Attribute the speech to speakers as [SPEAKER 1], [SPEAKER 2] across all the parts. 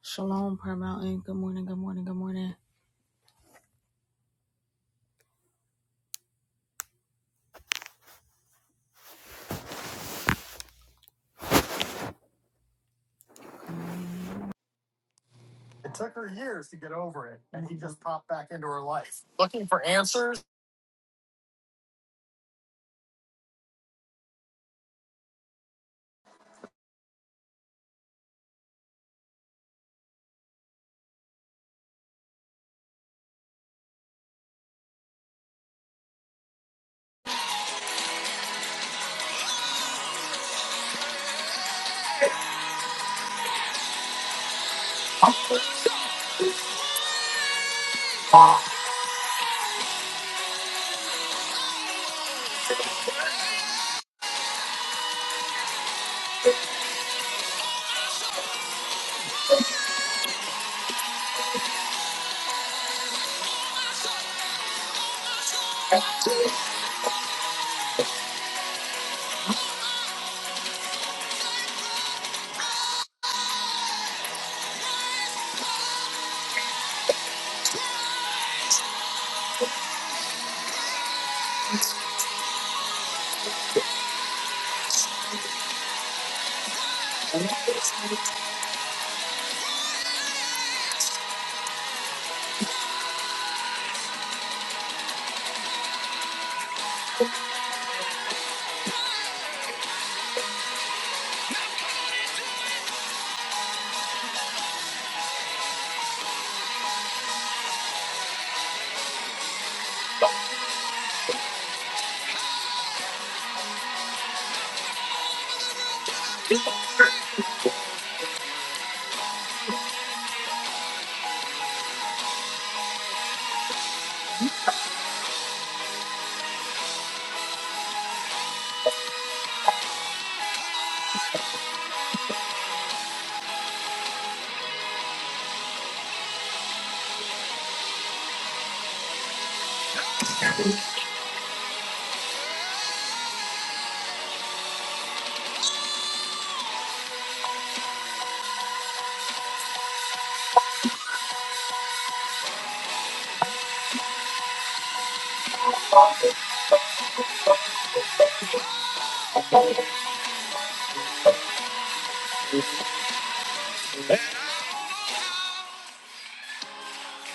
[SPEAKER 1] Shalom, Prayer Mountain. Good morning, good morning, good morning. And I don't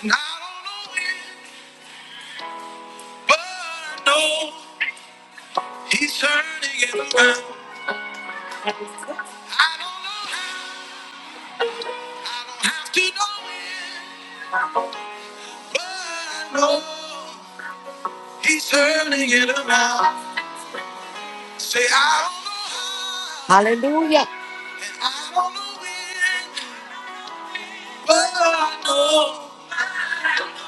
[SPEAKER 1] know when, but I know he's turning it around. I don't know how, I don't have to know when, but I know he's turning it around. Say, I don't know how, and I don't know when, but I know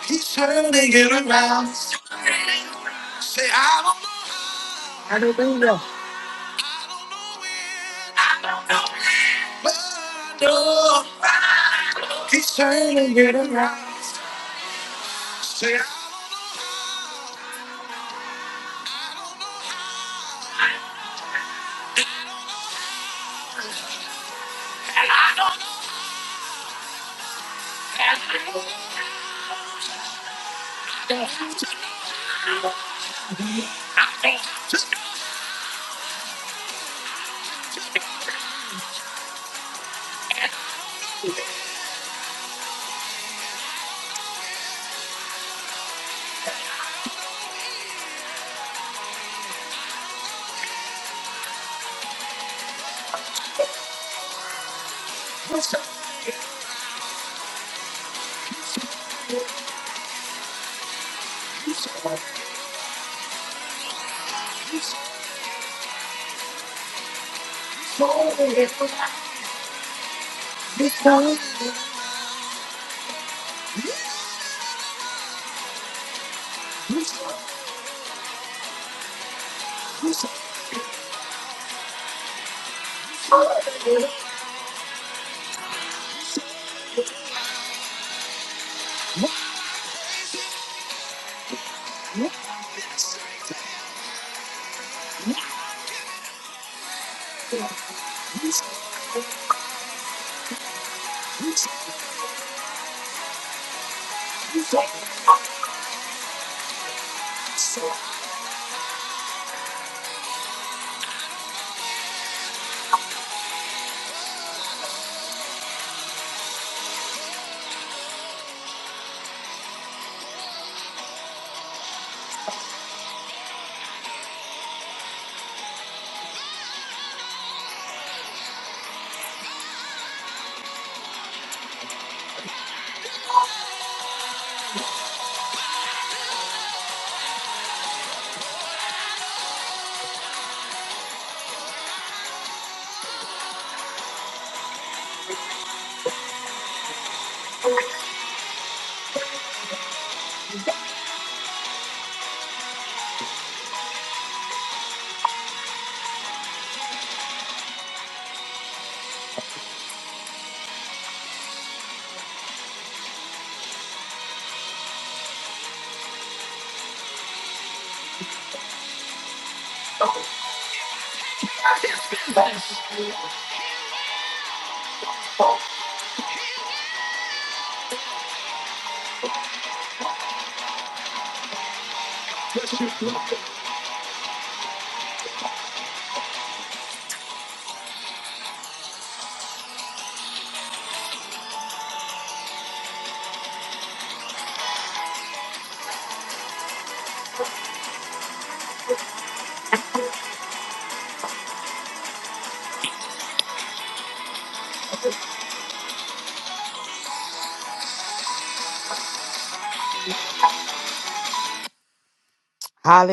[SPEAKER 1] he's turning it around. Say, I don't know how. I don't know when. I don't know when. But I know he's turning it around. Say, I don't know how. I don't know how.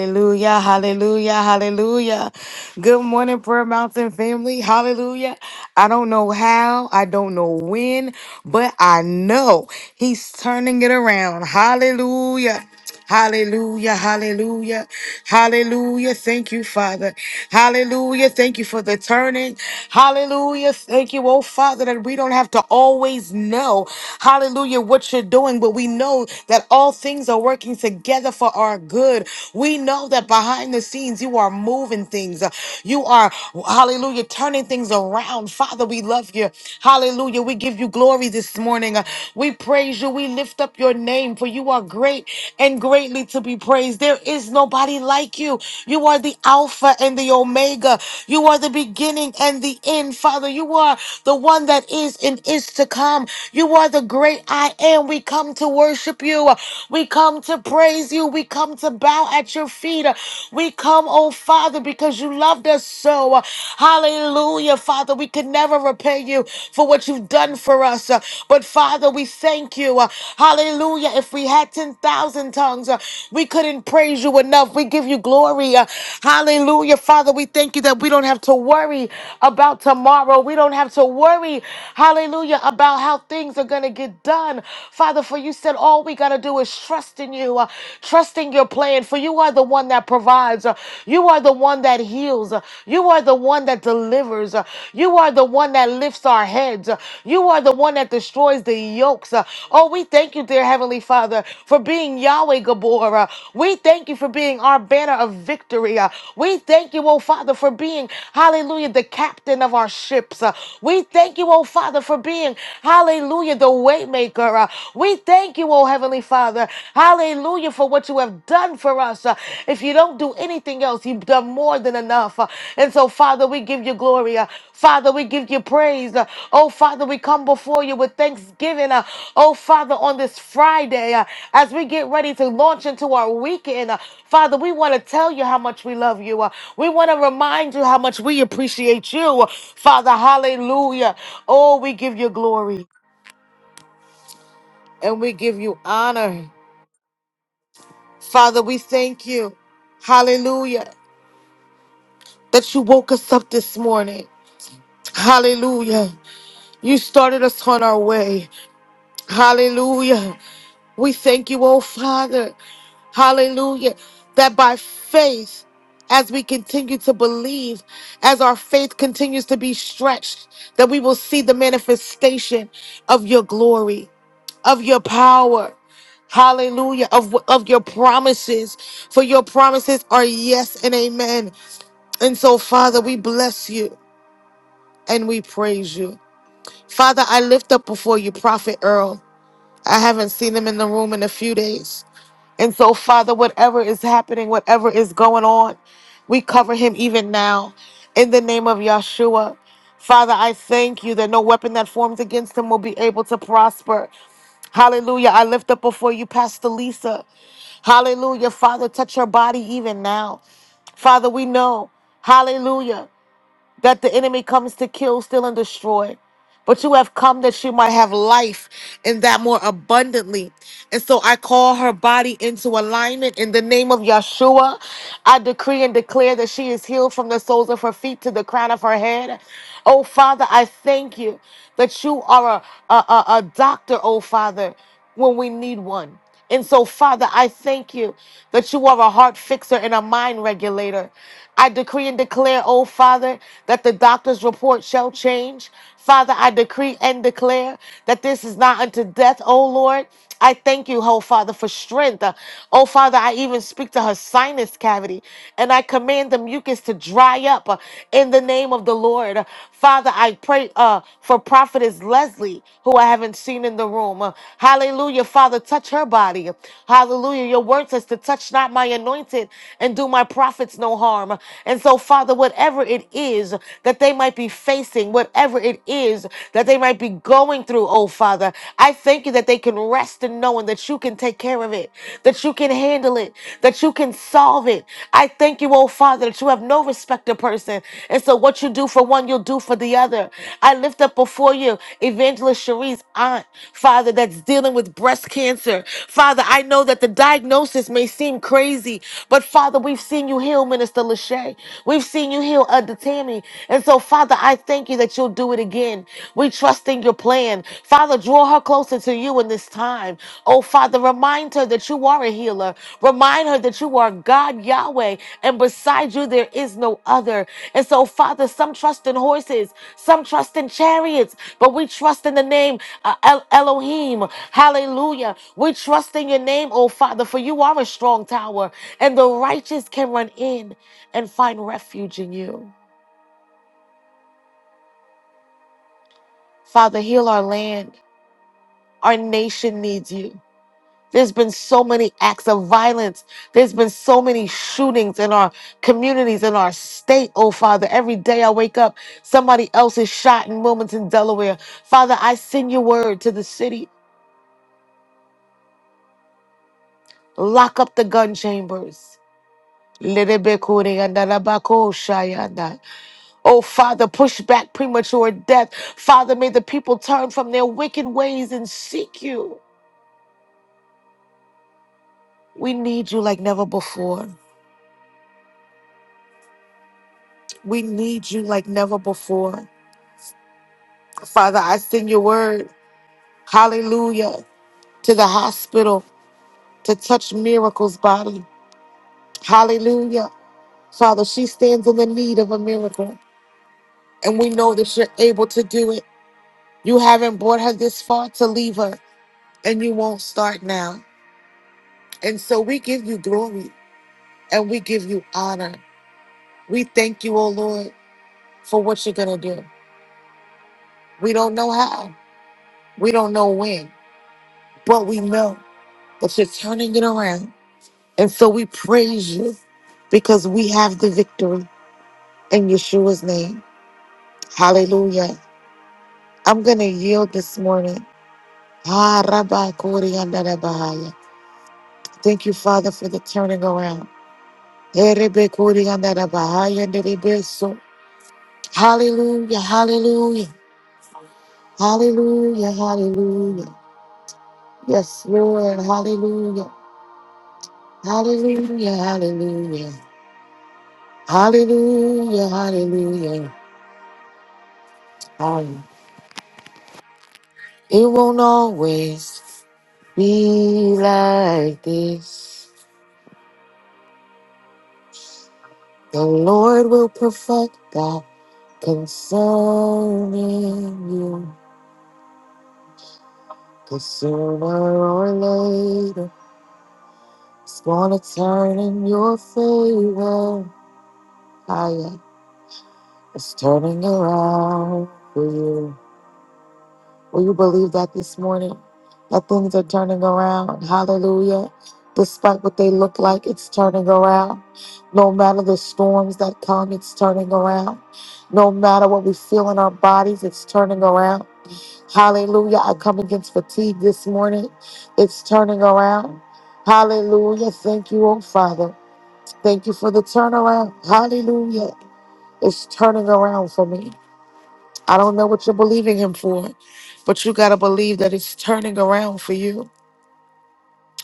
[SPEAKER 1] Hallelujah, hallelujah, hallelujah. Good morning, Prayer Mountain family. Hallelujah. I don't know how, I don't know when, but I know he's turning it around. Hallelujah. Hallelujah, hallelujah, hallelujah. Thank you, Father. Hallelujah. Thank you for the turning. Hallelujah. Thank you, oh Father, that we don't have to always know, hallelujah, what you're doing, but we know that all things are working together for our good. We know that behind the scenes, you are moving things. You are, hallelujah, turning things around. Father, we love you. Hallelujah. We give you glory this morning. We praise you. We lift up your name, for you are great and greatly to be praised. There is nobody like you. You are the Alpha and the Omega. You are the beginning and the end, Father. You are the one that is and is to come. You are the great I am. We come to worship you. We come to praise you. We come to bow at your feet. We come, oh Father, because you loved us so. Hallelujah. Father. Father, we can never repay you for what you've done for us. Uh, But Father, we thank you. Uh, Hallelujah. If we had 10,000 tongues, uh, we couldn't praise you enough. We give you glory. Uh, Hallelujah. Father, we thank you that we don't have to worry about tomorrow. We don't have to worry, hallelujah, about how things are going to get done. Father, for you said all we got to do is trust in you, uh, trust in your plan, for you are the one that provides. Uh, you are the one that heals. You are the one that delivers. You are the one that lifts our heads. You are the one that destroys the yokes. Oh, we thank you, dear Heavenly Father, for being Yahweh Gabor. We thank you for being our banner of victory. We thank you, oh Father, for being, hallelujah, the captain of our ships. We thank you, oh Father, for being, hallelujah, the waymaker. We thank you, oh Heavenly Father, Hallelujah for what you have done for us. Uh, If you don't do anything else, you've done more than enough. Uh, And so, Father, we give you glory. Uh, Father, we give you praise. Uh, Oh, Father, we come before you with thanksgiving. Uh, Oh, Father, on this Friday, uh, as we get ready to launch into our weekend, uh, Father, we want to tell you how much we love you. Uh, We want to remind you how much we appreciate you. Uh, Father, hallelujah. Oh, we give you glory and we give you honor. Father, we thank you. Hallelujah. That you woke us up this morning. Hallelujah. You started us on our way. Hallelujah. We thank you, oh Father. Hallelujah. That by faith, as we continue to believe, as our faith continues to be stretched, that we will see the manifestation of your glory, of your power. Hallelujah. Of, of your promises. For your promises are yes and amen. And so, Father, we bless you and we praise you. Father, I lift up before you Prophet Earl. I haven't seen him in the room in a few days. And so, Father, whatever is happening, whatever is going on, we cover him even now in the name of Yeshua. Father, I thank you that no weapon that forms against him will be able to prosper. Hallelujah. I lift up before you, Pastor Lisa. Hallelujah. Father, touch her body even now. Father, we know. Hallelujah. that the enemy comes to kill, steal, and destroy. But you have come that she might have life and that more abundantly. And so I call her body into alignment in the name of Yeshua. I decree and declare that she is healed from the soles of her feet to the crown of her head. Oh, Father, I thank you that you are a, a, a a doctor, oh, Father when we need one. And so, Father, I thank you that you are a heart fixer and a mind regulator. I decree and declare, oh Father, that the doctor's report shall change. Father, I decree and declare that this is not unto death, oh Lord. I thank you, oh Father, for strength. Uh, Oh Father, I even speak to her sinus cavity and I command the mucus to dry up uh, in the name of the Lord. Uh, Father, I pray uh, for Prophetess Leslie, who I haven't seen in the room home. Hallelujah. Father, touch her body. Hallelujah. Your word says to touch not my anointed and do my prophets no harm. And so, Father, whatever it is that they might be facing, whatever it is that they might be going through, oh Father, I thank you that they can rest in knowing that you can take care of it, that you can handle it, that you can solve it. I thank you, oh Father, that you have no respect to person. And so, what you do for one, you'll do for the other. I lift up before you Evangelist Cherie's aunt. Father, that's dealing with breast cancer. Father, I know that the diagnosis may seem crazy, but Father, we've seen you heal Minister Lachey. We've seen you heal Elder Tammy. And so, Father, I thank you that you'll do it again. We trust in your plan. Father, draw her closer to you in this time. Oh, Father, remind her that you are a healer. Remind her that you are God Yahweh, and beside you there is no other. And so, Father, some trust in horses, some trust in chariots, but we trust in the name uh, El- Elohim. Hallelujah. We trust in your name, oh Father, for you are a strong tower, and the righteous can run in and find refuge in you. Father, heal our land. Our nation needs you. There's been so many acts of violence. There's been so many shootings in our communities, in our state, oh Father. Every day I wake up, somebody else is shot in Wilmington, Delaware. Father, I send your word to the city. Lock up the gun chambers. Lerebekuriandalabakoshayanda. Oh, Father, push back premature death. Father, may the people turn from their wicked ways and seek you. We need you like never before. We need you like never before. Father, I send your word, hallelujah, to the hospital to touch Miracle's body. Hallelujah. Father, she stands in the need of a miracle, and we know that you're able to do it. You haven't brought her this far to leave her, and you won't start now. And so we give you glory and we give you honor. We thank you, O Lord, for what you're going to do. We don't know how, we don't know when, but we know that you're turning it around. And so we praise you because we have the victory in Yeshua's name. Hallelujah. I'm going to yield this morning. Ah, Rabba Kori Yanda Rabba Thank you, Father, for the turning around. Eh, Rebe Kori Yanda Rabba Haya So. Hallelujah, hallelujah. Hallelujah, hallelujah. Yes, Lord, hallelujah. Hallelujah, hallelujah. Hallelujah, hallelujah. Hallelujah. It won't always be like this. The Lord will perfect that concerning you, 'cause sooner or later, it's gonna turn in your favor. Ah, yeah. It's turning around for you. Will you believe that this morning? That things are turning around. Hallelujah. Despite what they look like, it's turning around. No matter the storms that come, it's turning around. No matter what we feel in our bodies, it's turning around. Hallelujah. I come against fatigue this morning. It's turning around. Hallelujah. Thank you, oh Father. Thank you for the turnaround. Hallelujah. It's turning around for me. I don't know what you're believing him for, but you got to believe that it's turning around for you.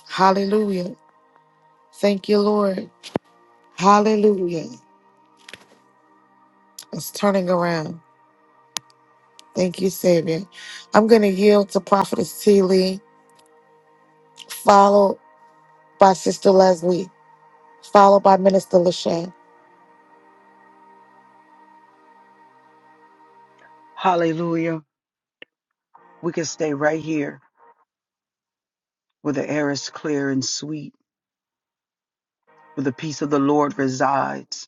[SPEAKER 1] Hallelujah. Thank you, Lord. Hallelujah. It's turning around. Thank you, Savior. I'm going to yield to Prophetess T. Lee, followed by Sister Leslie, followed by Minister Lachey.
[SPEAKER 2] Hallelujah. We can stay right here where the air is clear and sweet, where the peace of the Lord resides.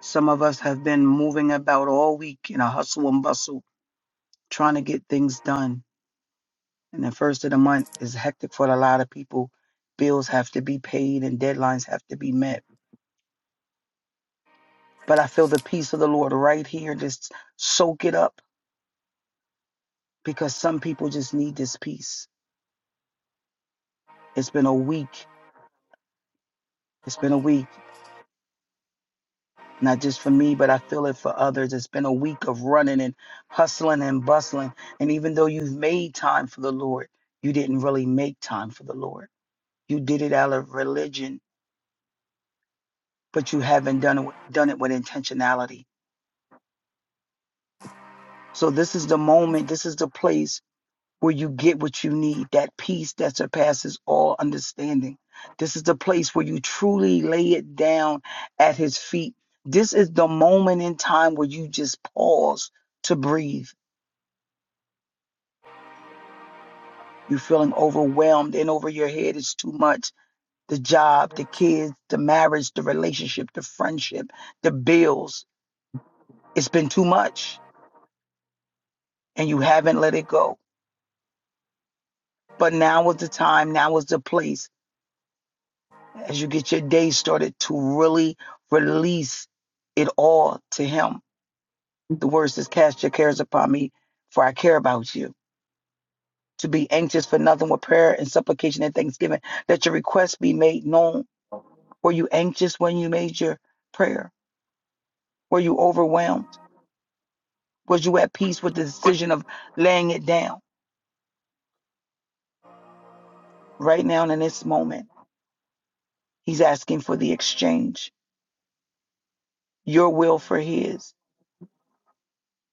[SPEAKER 2] Some of us have been moving about all week in a hustle and bustle, trying to get things done. And the first of the month is hectic for a lot of people. Bills have to be paid and deadlines have to be met. But I feel the peace of the Lord right here. Just soak it up because some people just need this peace. It's been a week. It's been a week. not just for me, but I feel it for others. It's been a week of running and hustling and bustling. And even though you've made time for the Lord, you didn't really make time for the Lord. You did it out of religion, but you haven't done it, with- done it with intentionality. So this is the moment, this is the place where you get what you need, that peace that surpasses all understanding. This is the place where you truly lay it down at his feet. This is the moment in time where you just pause to breathe You're feeling overwhelmed and over your head is too much. The job, the kids, the marriage, the relationship, the friendship, the bills. It's been too much and you haven't let it go. But now is the time, now is the place as you get your day started to really release it all to Him. The word says, Cast your cares upon me, for I care about you. To be anxious for nothing with prayer and supplication and thanksgiving, that your requests be made known. Were you anxious when you made your prayer? Were you overwhelmed? Was you at peace with the decision of laying it down right now and in this moment? He's asking for the exchange, your will for his.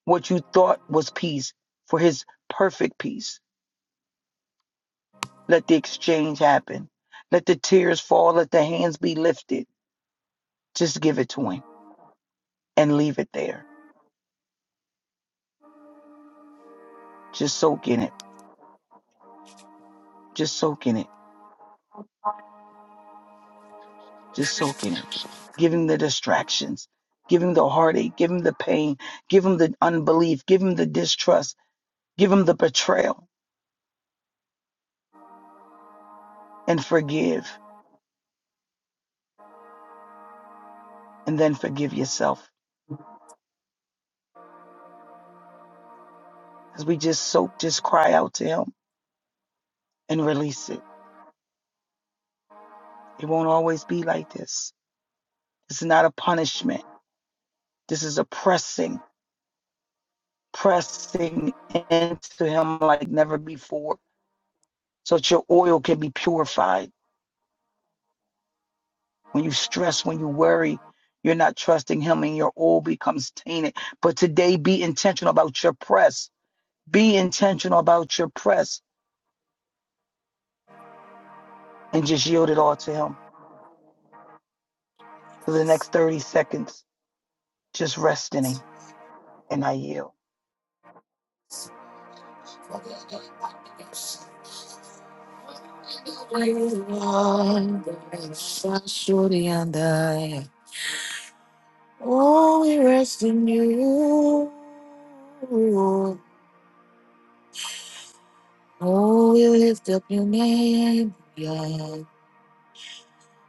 [SPEAKER 2] What you thought was peace for his perfect peace. Let the exchange happen. Let the tears fall. Let the hands be lifted. Just give it to him and leave it there. Just soak in it. Just soak in it. Just soak in it. Give him the distractions. Give him the heartache. Give him the pain. Give him the unbelief. Give him the distrust Give him the betrayal and forgive, and then forgive yourself. As we just soak, just cry out to him and release it. It won't always be like this. This is not a punishment. This is a pressing, pressing into him like never before, so that your oil can be purified. When you stress, when you worry, you're not trusting him and your oil becomes tainted. But today, be intentional about your press. Be intentional about your press and just yield it all to him. for the next 30 seconds, just rest in Him, and I yield.
[SPEAKER 1] Oh, we rest in you. Oh, we lift up your name. Yeah.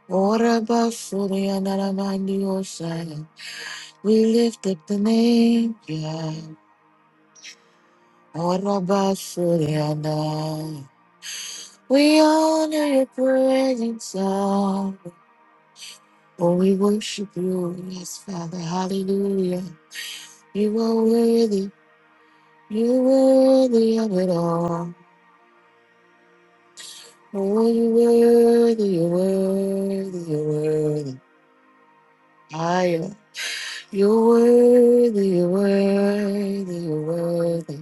[SPEAKER 1] What about Suryanaramandiyosa? We lift up the name. Yeah. What about Suryana? We honor your presence, Lord. Oh, we worship you. Yes, Father. Hallelujah. You are worthy, you're worthy of it all. Oh, you're worthy, you're worthy, you're worthy. Higher. You're worthy, you're worthy, you're worthy.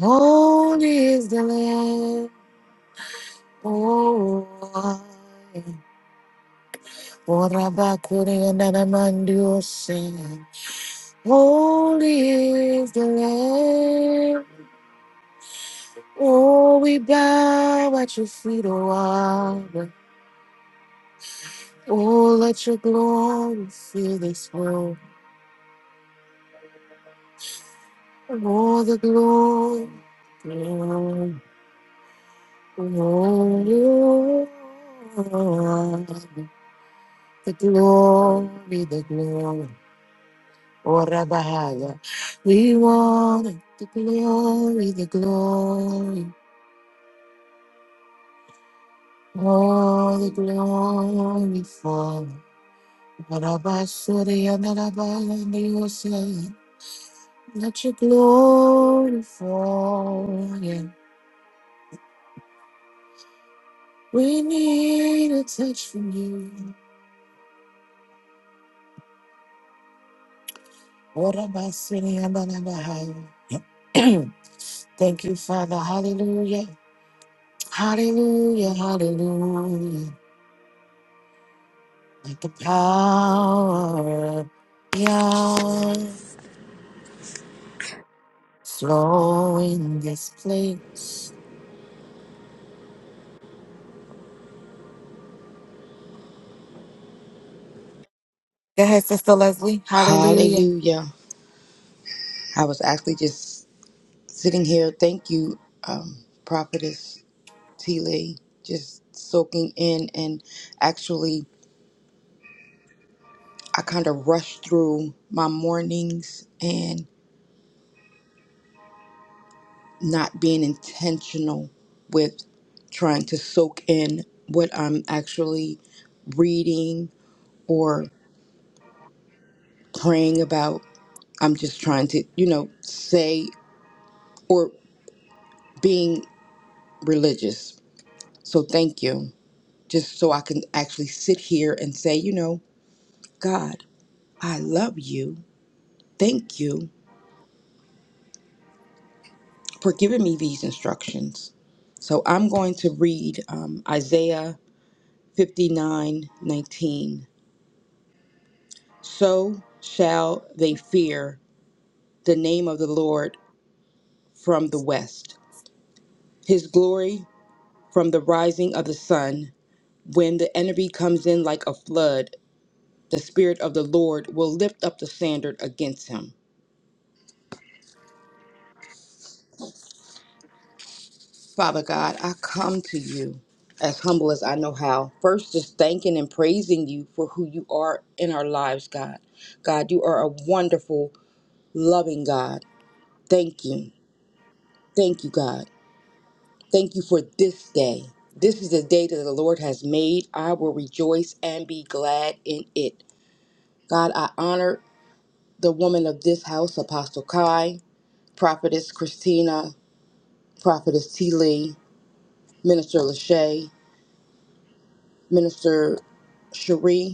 [SPEAKER 1] Holy is the Lamb. Oh, I. Orabakuri and Anamandiose. Holy is the Lamb. Oh, we bow at your feet, O Abba. Oh, let your glory fill this world. All the glory. glory, glory. The glory, the glory. Oh, Rabahaya. We want it. The glory, the glory. All the glory, Father. Rabasuriya, Narabaya, Niyosaya. Let your glory fall. yeah. We need a touch from you. What about sitting under the high? Thank you, Father. Hallelujah. Hallelujah. Hallelujah. Let the power of Yah flow in this place. Go ahead, Sister Leslie. Hallelujah.
[SPEAKER 3] Hallelujah. I was actually just sitting here. Thank you, um, Prophetess T. Lee, just soaking in. And actually, I kind of rushed through my mornings and not being intentional with trying to soak in what I'm actually reading or praying about. I'm just trying to, you know, say or being religious. So thank you. just so I can actually sit here and say, you know, God, I love you. Thank you for giving me these instructions. So I'm going to read um, Isaiah 59:19. So shall they fear the name of the Lord from the west, his glory from the rising of the sun. When the enemy comes in like a flood, the Spirit of the Lord will lift up the standard against him Father God, I come to you as humble as I know how. First, just thanking and praising you for who you are in our lives, God. God, you are a wonderful, loving God. Thank you. Thank you, God. Thank you for this day. This is the day that the Lord has made. I will rejoice and be glad in it. God, I honor the woman of this house, Apostle Kai, Prophetess Christina, Prophetess T. Lee, Minister Lachey, Minister Cherie,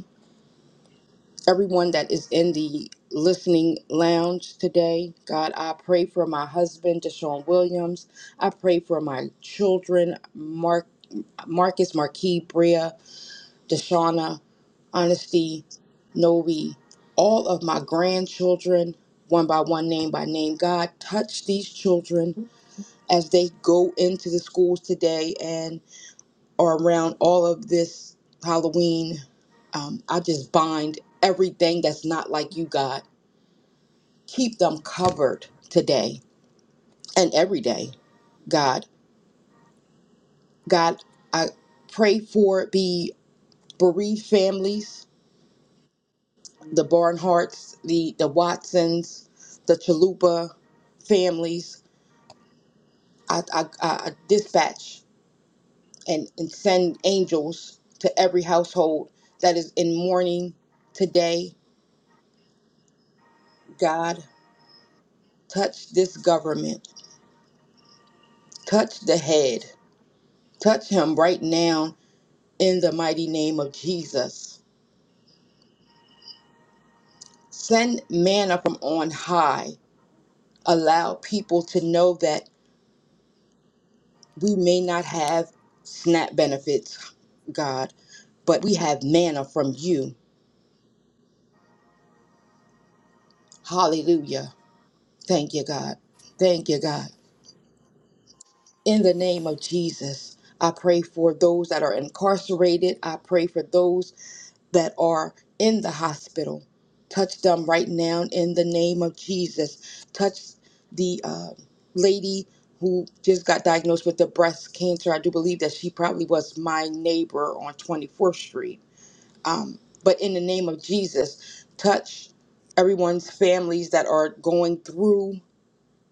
[SPEAKER 3] everyone that is in the listening lounge today. God, I pray for my husband, Deshaun Williams. I pray for my children, Mark, Marcus, Marquis, Bria, Deshauna, Honesty, Noe, all of my grandchildren, one by one, name by name. God, touch these children as they go into the schools today and are around all of this Halloween um, I just bind everything that's not like you, God. keep them covered today and every day. God, God, I pray for the bereaved families, the Barnharts, the the Watsons, the Chalupa families. I, I, I dispatch and, and send angels to every household that is in mourning today. God, touch this government, touch the head, touch him right now in the mighty name of Jesus. Send manna from on high. Allow people to know that we may not have SNAP benefits, God, but we have manna from you. Hallelujah. Thank you, God. Thank you, God. In the name of Jesus, I pray for those that are incarcerated. I pray for those that are in the hospital. Touch them right now in the name of Jesus. Touch the uh, lady who just got diagnosed with the breast cancer. I do believe that she probably was my neighbor on 24th Street. Um, but in the name of Jesus, touch everyone's families that are going through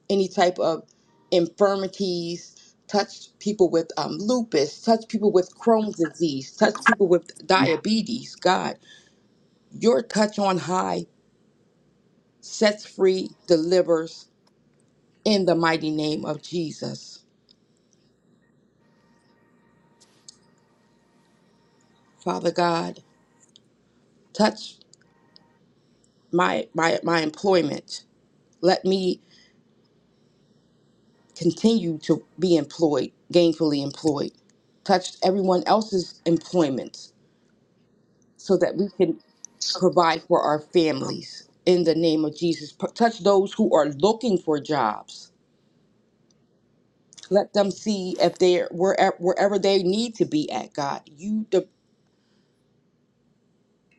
[SPEAKER 3] any type of infirmities. Touch people with um, lupus, touch people with Crohn's disease, touch people with diabetes, God your touch on high sets free, delivers in the mighty name of Jesus. Father God, touch my my, my employment. Let me continue to be employed, gainfully employed. Touch everyone else's employment so that we can provide for our families in the name of Jesus. P- Touch those who are looking for jobs. Let them see if they're wherever, wherever they need to be at, God. You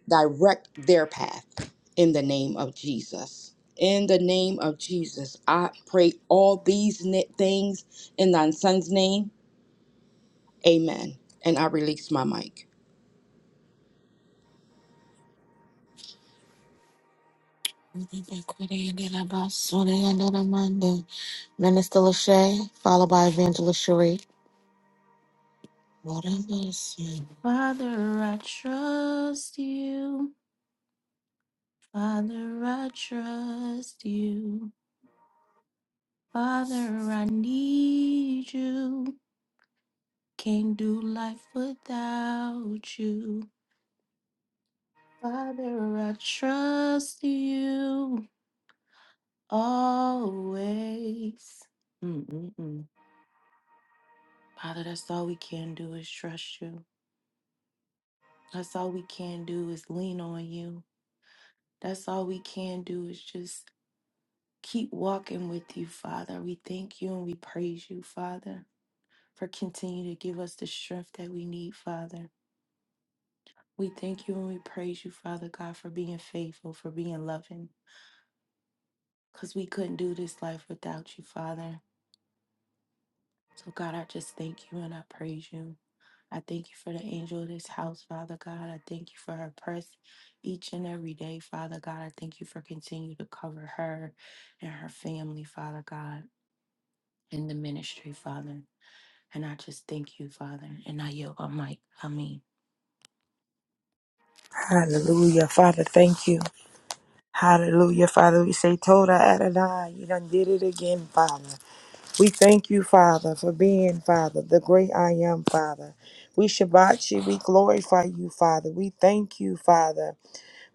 [SPEAKER 3] direct their path in the name of Jesus. In the name of Jesus, I pray all these ni- things in thy son's name. Amen. And I release my mic.
[SPEAKER 1] Minister Lachey, followed by Evangelist Cherie. What a blessing.
[SPEAKER 4] Hallelujah. Father, thank you. Hallelujah. Father, we say, Toda Adonai, you done did it again, Father. We thank you, Father, for being, Father, the great I am, Father. We Shabbat you. We glorify you, Father. We thank you, Father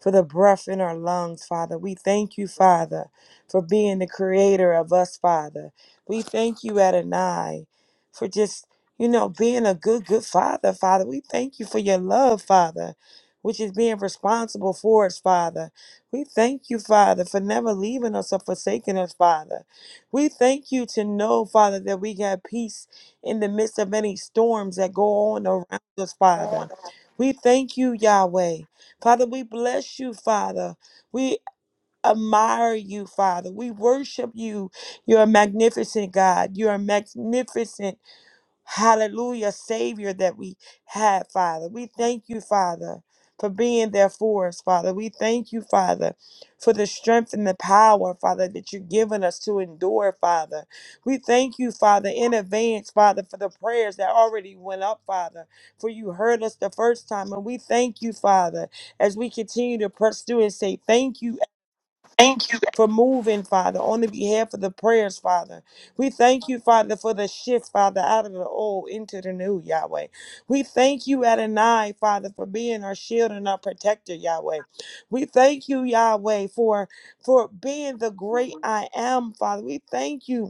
[SPEAKER 4] for the breath in our lungs, Father. We thank you, Father, for being the creator of us, Father. We thank you, Adonai, for just, you know, being a good, good Father, Father. We thank you for your love, Father, which is being responsible for us, Father. We thank you, Father, for never leaving us or forsaking us, Father. We thank you to know, Father, that we got peace in the midst of any storms that go on around us, Father. We thank you, Yahweh. Father, we bless you, Father. We admire you, Father. We worship you. You're a magnificent God. You're a magnificent. Hallelujah, Savior that we had, Father. We thank you, Father, for being there for us, Father. We thank you, Father, for the strength and the power, Father, that you've given us to endure, Father. We thank you, Father, in advance, Father, for the prayers that already went up, Father, for you heard us the first time. And we thank you, Father, as we continue to press through and say thank you for moving, Father, on the behalf of the prayers, Father. We thank you, Father, for the shift, Father, out of the old into the new, Yahweh. We thank you, Adonai, Father, for being our shield and our protector, Yahweh. We thank you, Yahweh, for for being the great I am, Father. We thank you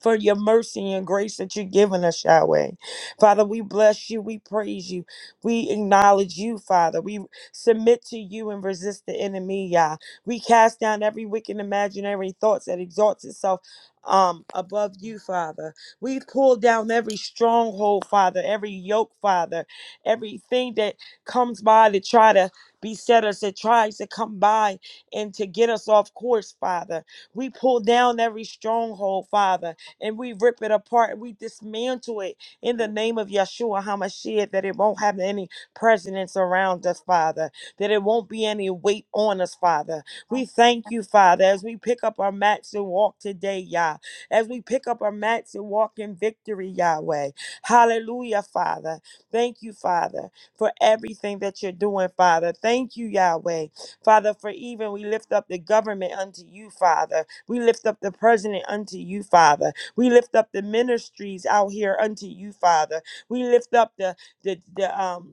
[SPEAKER 4] for your mercy and grace that you've given us, Yahweh. Father, we bless you. We praise you. We acknowledge you, Father. We submit to you and resist the enemy, Yah. We cast down every wicked imaginary thoughts that exalts itself um above you father we pull down every stronghold father every yoke father everything that comes by to try to beset us that tries to come by and to get us off course father we pull down every stronghold father and we rip it apart. We dismantle it in the name of Yeshua HaMashiach that it won't have any presence around us, Father, that it won't be any weight on us, Father. We thank you, Father, as we pick up our mats and walk today, Yah, as we pick up our mats and walk in victory, Yahweh. Hallelujah, Father. Thank you, Father, for everything that you're doing, Father. Thank you, Yahweh. Father, for even we lift up the government unto you, Father. We lift up the president unto you, Father. We lift up the ministries out here unto you, Father. We lift up the the, the um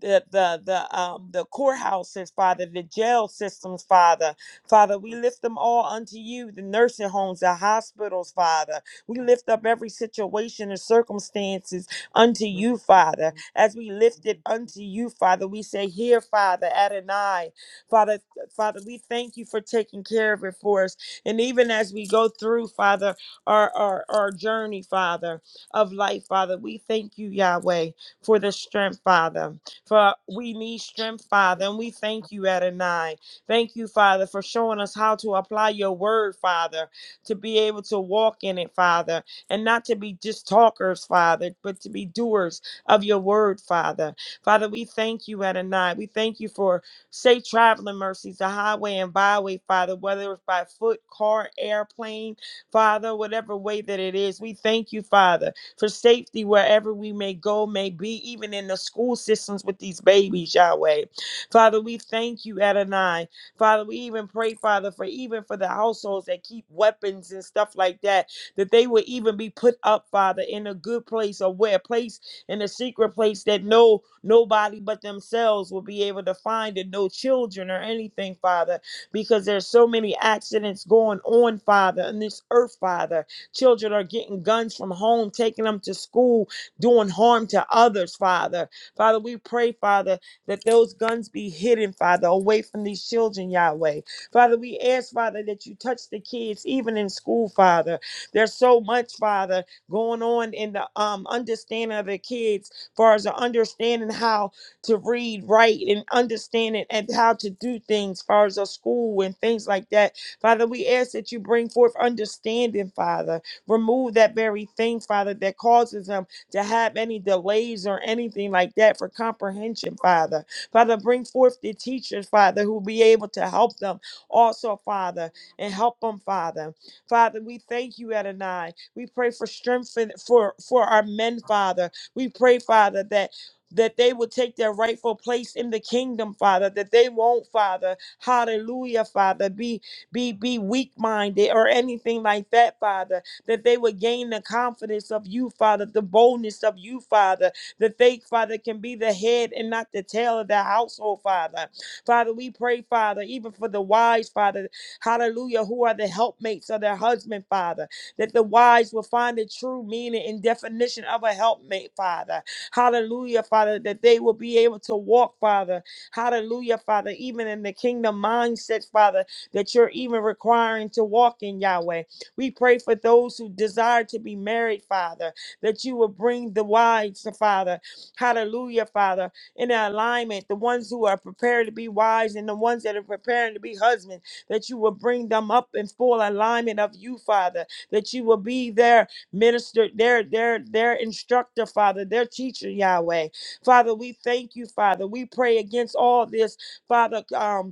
[SPEAKER 4] the the the um the courthouses, Father, the jail systems, Father. Father, we lift them all unto you, the nursing homes, the hospitals, Father. We lift up every situation and circumstances unto you, Father. As we lift it unto you, Father, we say, Here, Father, Adonai. Father, Father, we thank you for taking care of it for us. And even as we go through, Father, our, our, our journey, Father, of life, Father, we thank you, Yahweh, for the strength, Father. For we need strength, Father, and we thank you, Adonai. Thank you, Father, for showing us how to apply your word, Father, to be able to walk in it, Father, and not to be just talkers, Father, but to be doers of your word, Father. Father, we thank you, Adonai. We thank you for safe traveling mercies, the highway and byway, Father, whether it's by foot, car, airplane, Father, whatever way that it is. We thank you, Father for safety wherever we may go, may be, even in the school systems with these babies, Yahweh. Father, we thank you, Adonai. Father, we even pray, Father, for even for the households that keep weapons and stuff like that, that they would even be put up, Father, in a good place or where a place in a secret place that no nobody but themselves will be able to find and no children or anything, Father, because there's so many accidents going on, Father, in this earth, Father. Children are getting guns from home, taking them to school, doing harm to others, Father. Father, we pray, Father, that those guns be hidden, Father, away from these children, Yahweh. Father, we ask, Father, that you touch the kids, even in school, Father. There's so much, Father, going on in the um, understanding of the kids, far as the understanding how to read, write, and understand it, and how to do things, far as a school and things like that. Father, we ask that you bring forth understanding, Father. Remove that very thing, Father, that causes them to have any delays or anything like that for comprehension, Father. Father, bring forth the teachers, Father, who will be able to help them also, Father, and help them, Father. Father, we thank you, Adonai. We pray for strength in- for, for our men, Father. We pray, Father, that that they will take their rightful place in the kingdom, Father, that they won't, Father, hallelujah, Father, be be be weak minded or anything like that, Father that they would gain the confidence of you, Father, the boldness of you, Father, that they, Father, can be the head and not the tail of the household, Father. Father, we pray, Father, even for the wise, Father, hallelujah, who are the helpmates of their husband, Father, that the wise will find the true meaning and definition of a helpmate, Father. Hallelujah, Father, that they will be able to walk, Father. Hallelujah, Father, even in the kingdom mindset, Father, that you're even requiring to walk in, Yahweh. We pray for those who desire to be married, Father, that you will bring the wives, Father. Hallelujah, Father, in alignment, the ones who are prepared to be wives and the ones that are preparing to be husbands, that you will bring them up in full alignment of you, Father, that you will be their minister, their their their instructor, Father, their teacher, Yahweh. Father, we thank you, Father. We pray against all this, Father. Um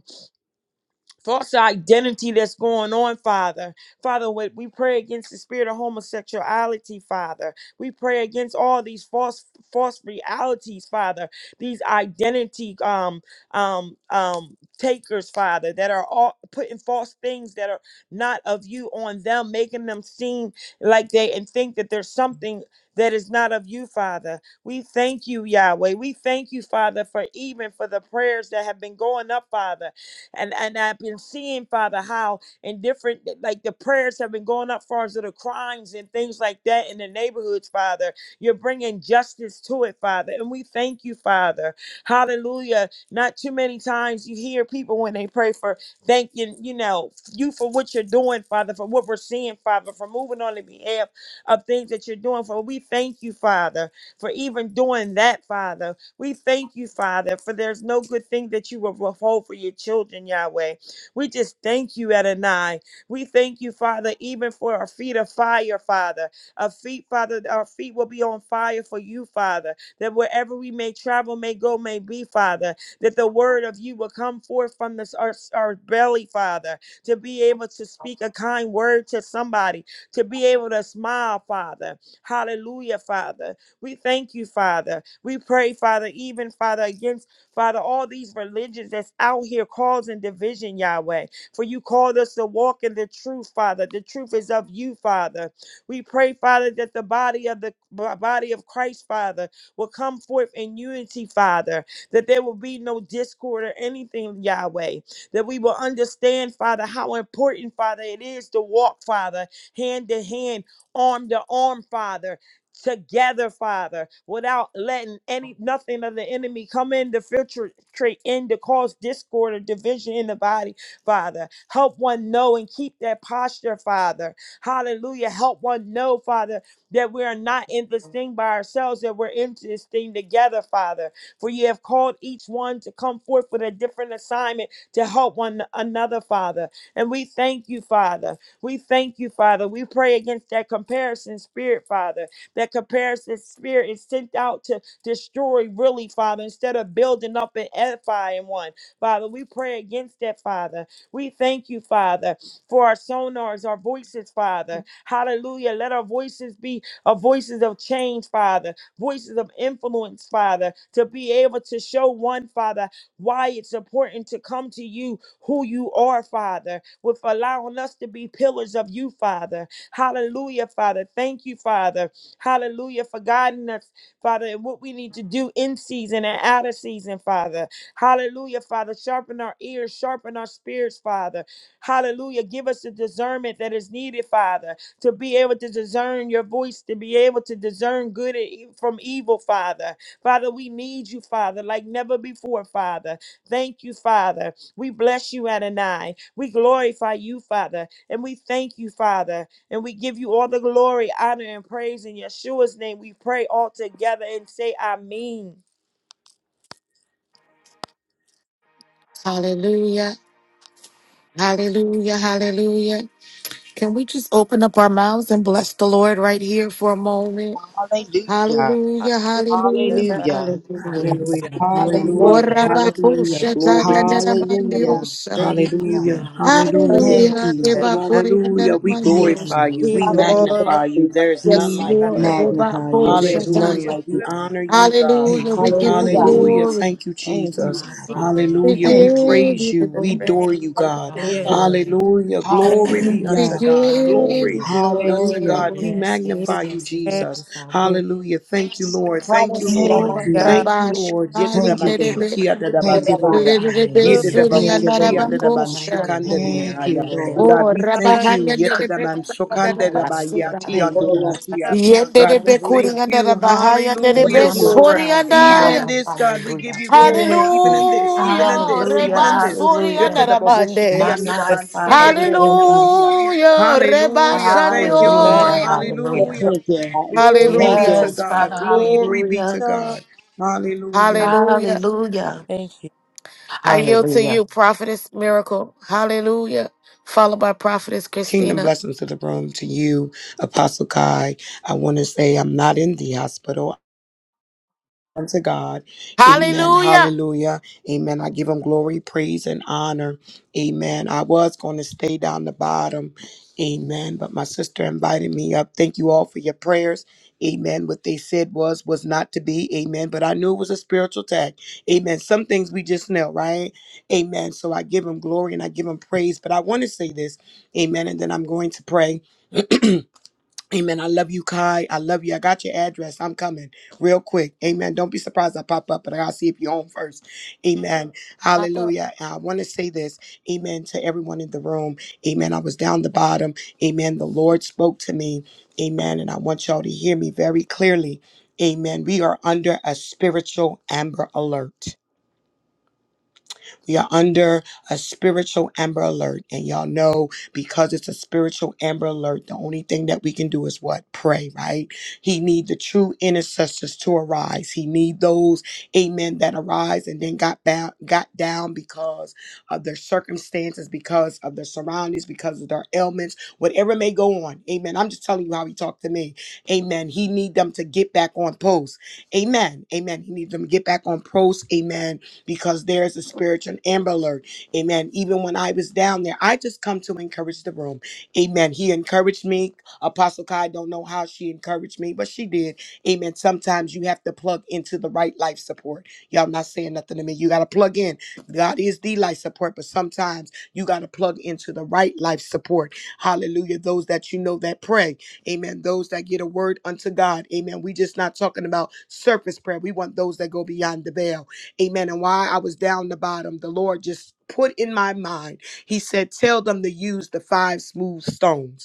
[SPEAKER 4] false identity that's going on, Father. Father, we we pray against the spirit of homosexuality, Father. We pray against all these false false realities, Father. These identity um um um takers, Father, that are all putting false things that are not of you on them, making them seem like they and think that there's something that is not of you, Father. We thank you, Yahweh. We thank you, Father, for even for the prayers that have been going up, Father and and I've been seeing, Father, how in different like the prayers have been going up far as to the crimes and things like that in the neighborhoods, Father. You're bringing justice to it, Father. And we thank you, Father. Hallelujah. Not too many times you hear people when they pray for thanking, you know, you for what you're doing, Father, for what we're seeing, Father, for moving on the behalf of things that you're doing. For we thank you, Father, for even doing that, Father. We thank you, Father, for there's no good thing that you will withhold for your children, Yahweh. We just thank you, Adonai. We thank you, Father, even for our feet of fire, Father. Our feet, Father, our feet will be on fire for you, Father, that wherever we may travel, may go, may be, Father, that the word of you will come forth from this our, our belly, Father, to be able to speak a kind word to somebody, to be able to smile, Father. Hallelujah, Father. We thank you, Father. We pray, Father, even, Father, against, Father, all these religions that's out here causing division, Yahweh. For you called us to walk in the truth, Father. The truth is of you, Father. We pray, Father, that the body of the body of Christ, Father, will come forth in unity, Father, that there will be no discord or anything, Yahweh. That we will understand, Father, how important, Father, it is to walk, Father, hand to hand, arm to arm, Father together, Father, without letting any nothing of the enemy come in to filtrate in to cause discord or division in the body, Father. Help one know and keep that posture, Father. Hallelujah. Help one know, Father, that we are not in this thing by ourselves, that we're in this thing together, Father. For you have called each one to come forth with a different assignment to help one another, Father. And we thank you, Father. We thank you, Father. We pray against that comparison spirit, Father that comparison spirit is sent out to destroy, really, Father, instead of building up and edifying one. Father, we pray against that, Father. We thank you, Father, for our sonars, our voices, Father. Hallelujah. Let our voices be a voices of change, Father, voices of influence, Father, to be able to show one, Father, why it's important to come to you who you are, Father, with allowing us to be pillars of you, Father. Hallelujah, Father. Thank you, Father Hallelujah, for guiding us, Father, and what we need to do in season and out of season, Father. Hallelujah, Father. Sharpen our ears, sharpen our spirits, Father. Hallelujah. Give us the discernment that is needed, Father, to be able to discern your voice, to be able to discern good and e- from evil, Father. Father, we need you, Father, like never before, Father. Thank you, Father. We bless you, Adonai. We glorify you, Father, and we thank you, Father. And we give you all the glory, honor, and praise in Yeshua's name. We pray all together and say, Amen.
[SPEAKER 1] Hallelujah. Hallelujah. Hallelujah. Can we just open up our mouths and bless the Lord right here for a moment?
[SPEAKER 3] Hallelujah.
[SPEAKER 1] Hallelujah.
[SPEAKER 4] Hallelujah,
[SPEAKER 1] Hallelujah.
[SPEAKER 4] Father.
[SPEAKER 3] Hallelujah.
[SPEAKER 1] Hallelujah.
[SPEAKER 5] Hallelujah,
[SPEAKER 4] For you are
[SPEAKER 5] hallelujah,
[SPEAKER 3] Hallelujah.
[SPEAKER 4] worthy.
[SPEAKER 5] hallelujah. Glory be to God.
[SPEAKER 6] Hallelujah.
[SPEAKER 3] Hallelujah.
[SPEAKER 1] Orabakushatayandaramandiyosa.
[SPEAKER 3] Thank
[SPEAKER 4] We
[SPEAKER 3] you, God.
[SPEAKER 5] Hallelujah.
[SPEAKER 6] Father,
[SPEAKER 5] Hallelujah.
[SPEAKER 6] we
[SPEAKER 3] Thank
[SPEAKER 1] Hallelujah.
[SPEAKER 3] you.
[SPEAKER 6] give you
[SPEAKER 4] recognize
[SPEAKER 5] Hallelujah. We
[SPEAKER 3] Thank you.
[SPEAKER 5] glorify you.
[SPEAKER 4] we
[SPEAKER 6] praise.
[SPEAKER 5] We
[SPEAKER 1] Rebakuriyandaramandiyosa.
[SPEAKER 6] Hallelujah. Hallelujah.
[SPEAKER 4] glory,
[SPEAKER 5] magnify you. There is none
[SPEAKER 1] Yes,
[SPEAKER 3] We
[SPEAKER 5] like
[SPEAKER 4] Father.
[SPEAKER 5] you,
[SPEAKER 1] Lord.
[SPEAKER 5] Lord.
[SPEAKER 3] magnify
[SPEAKER 1] Rebako
[SPEAKER 3] you. There's
[SPEAKER 4] You
[SPEAKER 3] none
[SPEAKER 1] Shataya.
[SPEAKER 5] Hallelujah.
[SPEAKER 3] like you,
[SPEAKER 5] We
[SPEAKER 4] are
[SPEAKER 3] God.
[SPEAKER 5] honor you, God.
[SPEAKER 1] Hallelujah.
[SPEAKER 3] Thank you.
[SPEAKER 1] We give you
[SPEAKER 6] Hallelujah,
[SPEAKER 3] Thank you.
[SPEAKER 5] Hallelujah.
[SPEAKER 1] glory.
[SPEAKER 5] Thank you,
[SPEAKER 3] Thank you,
[SPEAKER 5] Jesus.
[SPEAKER 3] God.
[SPEAKER 1] We
[SPEAKER 5] Hallelujah. We
[SPEAKER 3] Thank you.
[SPEAKER 4] worthy
[SPEAKER 1] give
[SPEAKER 5] praise
[SPEAKER 1] you
[SPEAKER 5] you.
[SPEAKER 4] and the
[SPEAKER 5] We
[SPEAKER 4] praise.
[SPEAKER 5] adore you,
[SPEAKER 1] glory.
[SPEAKER 5] God.
[SPEAKER 4] I
[SPEAKER 6] Hallelujah, you.
[SPEAKER 4] am.
[SPEAKER 5] Hallelujah. Glory be
[SPEAKER 1] We
[SPEAKER 5] unto
[SPEAKER 3] Hallelujah.
[SPEAKER 5] God.
[SPEAKER 1] give
[SPEAKER 5] Glory
[SPEAKER 1] you
[SPEAKER 5] be unto
[SPEAKER 3] Hallelujah.
[SPEAKER 5] God. We
[SPEAKER 1] glory.
[SPEAKER 4] We
[SPEAKER 5] magnify you,
[SPEAKER 4] thank
[SPEAKER 5] Jesus.
[SPEAKER 4] you,
[SPEAKER 5] Hallelujah. Thank you, Lord. Thank you,
[SPEAKER 6] Hallelujah.
[SPEAKER 1] Yes,
[SPEAKER 3] Thank
[SPEAKER 5] Lord.
[SPEAKER 6] Raman,
[SPEAKER 1] Lord.
[SPEAKER 3] you.
[SPEAKER 4] God.
[SPEAKER 5] Thank you,
[SPEAKER 1] Rabba
[SPEAKER 5] Lord.
[SPEAKER 1] Shataya.
[SPEAKER 3] Thank you, Lord.
[SPEAKER 1] Nerebe.
[SPEAKER 5] Yetadabanshukia
[SPEAKER 6] oh,
[SPEAKER 3] Thank you,
[SPEAKER 4] The
[SPEAKER 6] Rabba.
[SPEAKER 3] Lord.
[SPEAKER 5] dadabansoya.
[SPEAKER 1] Nerebe
[SPEAKER 4] good
[SPEAKER 1] Suri
[SPEAKER 3] Thank
[SPEAKER 1] and
[SPEAKER 3] you,
[SPEAKER 5] Yedidabahoshi and
[SPEAKER 3] Lord.
[SPEAKER 5] the man
[SPEAKER 1] Rabakosha.
[SPEAKER 3] Thank you,
[SPEAKER 5] Shukandediyaya.
[SPEAKER 3] Lord.
[SPEAKER 1] Oh,
[SPEAKER 5] God, we
[SPEAKER 4] fire
[SPEAKER 5] thank
[SPEAKER 1] Rabahaya.
[SPEAKER 5] you.
[SPEAKER 4] of
[SPEAKER 1] Nerebe.
[SPEAKER 5] Yetidaman
[SPEAKER 4] the
[SPEAKER 1] Rabasika.
[SPEAKER 5] Shukandedabayati and
[SPEAKER 3] Thank
[SPEAKER 6] Oh,
[SPEAKER 3] you, God.
[SPEAKER 5] Dolosia.
[SPEAKER 4] Lord,
[SPEAKER 5] God, we
[SPEAKER 1] Yenderebe
[SPEAKER 5] thank
[SPEAKER 1] Kuri and
[SPEAKER 5] you.
[SPEAKER 1] Rabahaya.
[SPEAKER 5] Hallelujah.
[SPEAKER 1] Nerebe
[SPEAKER 3] Thank you.
[SPEAKER 5] Glory.
[SPEAKER 1] Suri and
[SPEAKER 5] Even
[SPEAKER 1] I.
[SPEAKER 4] God.
[SPEAKER 5] in this, God, we give you glory.
[SPEAKER 3] Thank
[SPEAKER 5] Even
[SPEAKER 3] you.
[SPEAKER 5] in this, even in
[SPEAKER 1] Hallelujah.
[SPEAKER 5] this, even
[SPEAKER 1] Reba
[SPEAKER 5] in this.
[SPEAKER 1] Suri and Narabande.
[SPEAKER 5] Yetidabahoshiki and
[SPEAKER 4] We
[SPEAKER 5] the
[SPEAKER 4] thank
[SPEAKER 5] man
[SPEAKER 6] Oh,
[SPEAKER 5] Suyetidabahoshia.
[SPEAKER 1] Hallelujah. Reba
[SPEAKER 5] Hallelujah. Thank
[SPEAKER 4] we
[SPEAKER 5] you,
[SPEAKER 4] thank
[SPEAKER 5] Lord.
[SPEAKER 1] Shandioya.
[SPEAKER 4] you
[SPEAKER 5] Hallelujah.
[SPEAKER 3] Thank you.
[SPEAKER 5] Glory
[SPEAKER 3] Thank
[SPEAKER 5] be
[SPEAKER 1] Hallelujah.
[SPEAKER 5] to
[SPEAKER 3] you.
[SPEAKER 5] God.
[SPEAKER 4] for your
[SPEAKER 5] Glory be to
[SPEAKER 4] love.
[SPEAKER 5] God. Hallelujah.
[SPEAKER 1] Hallelujah.
[SPEAKER 4] Thank you.
[SPEAKER 1] I yield to you, Prophetess Miracle. Hallelujah. Followed by Prophetess
[SPEAKER 5] Kingdom
[SPEAKER 1] Christina.
[SPEAKER 5] blessings to the room, to you, Apostle Kai. I want to say I'm not in the hospital. Unto God. Amen.
[SPEAKER 1] Hallelujah.
[SPEAKER 5] Hallelujah. Amen. I give him glory, praise, and honor. Amen. I was going to stay down the bottom. Amen. But my sister invited me up. Thank you all for your prayers. Amen. What they said was, was not to be. Amen. But I knew it was a spiritual attack. Amen. Some things we just know, right? Amen. So I give him glory and I give him praise. But I want to say this. Amen. And then I'm going to pray. Amen. I love you, Kai. I love you. I got your address. I'm coming real quick. Amen. Don't be surprised I pop up, but I gotta see if you're on first. Amen.
[SPEAKER 1] Papa.
[SPEAKER 5] Hallelujah. And I want to say this. Amen to everyone in the room. Amen. I was down the bottom. Amen. The Lord spoke to me. Amen. And I want y'all to hear me very clearly. Amen. We are under a spiritual amber alert. We are under a spiritual amber alert. And y'all know because it's a spiritual amber alert, the only thing that we can do is what? Pray, right? He need the true intercessors to arise. He need those, amen, that arise and then got bound, got down because of their circumstances, because of their surroundings, because of their ailments, whatever may go on. Amen. I'm just telling you how he talked to me. Amen. He need them to get back on post. Amen. Amen. He needs them to get back on post. Amen because there's a spiritual amber alert. Amen. Even when I was down there, I just come to encourage the room. Amen. He encouraged me. Apostle Kai, don't know how she encouraged me, but she did. Amen. Sometimes you have to plug into the right life support. Y'all not saying nothing to me. You got to plug in. God is the life support, but sometimes you got to plug into the right life support. Hallelujah. Those that you know that pray. Amen. Those that get a word unto God. Amen. We just not talking about surface prayer. We want those that go beyond the veil. Amen. And while I was down the bottom, the Lord just put in my mind, He said, Tell them to use the five smooth stones.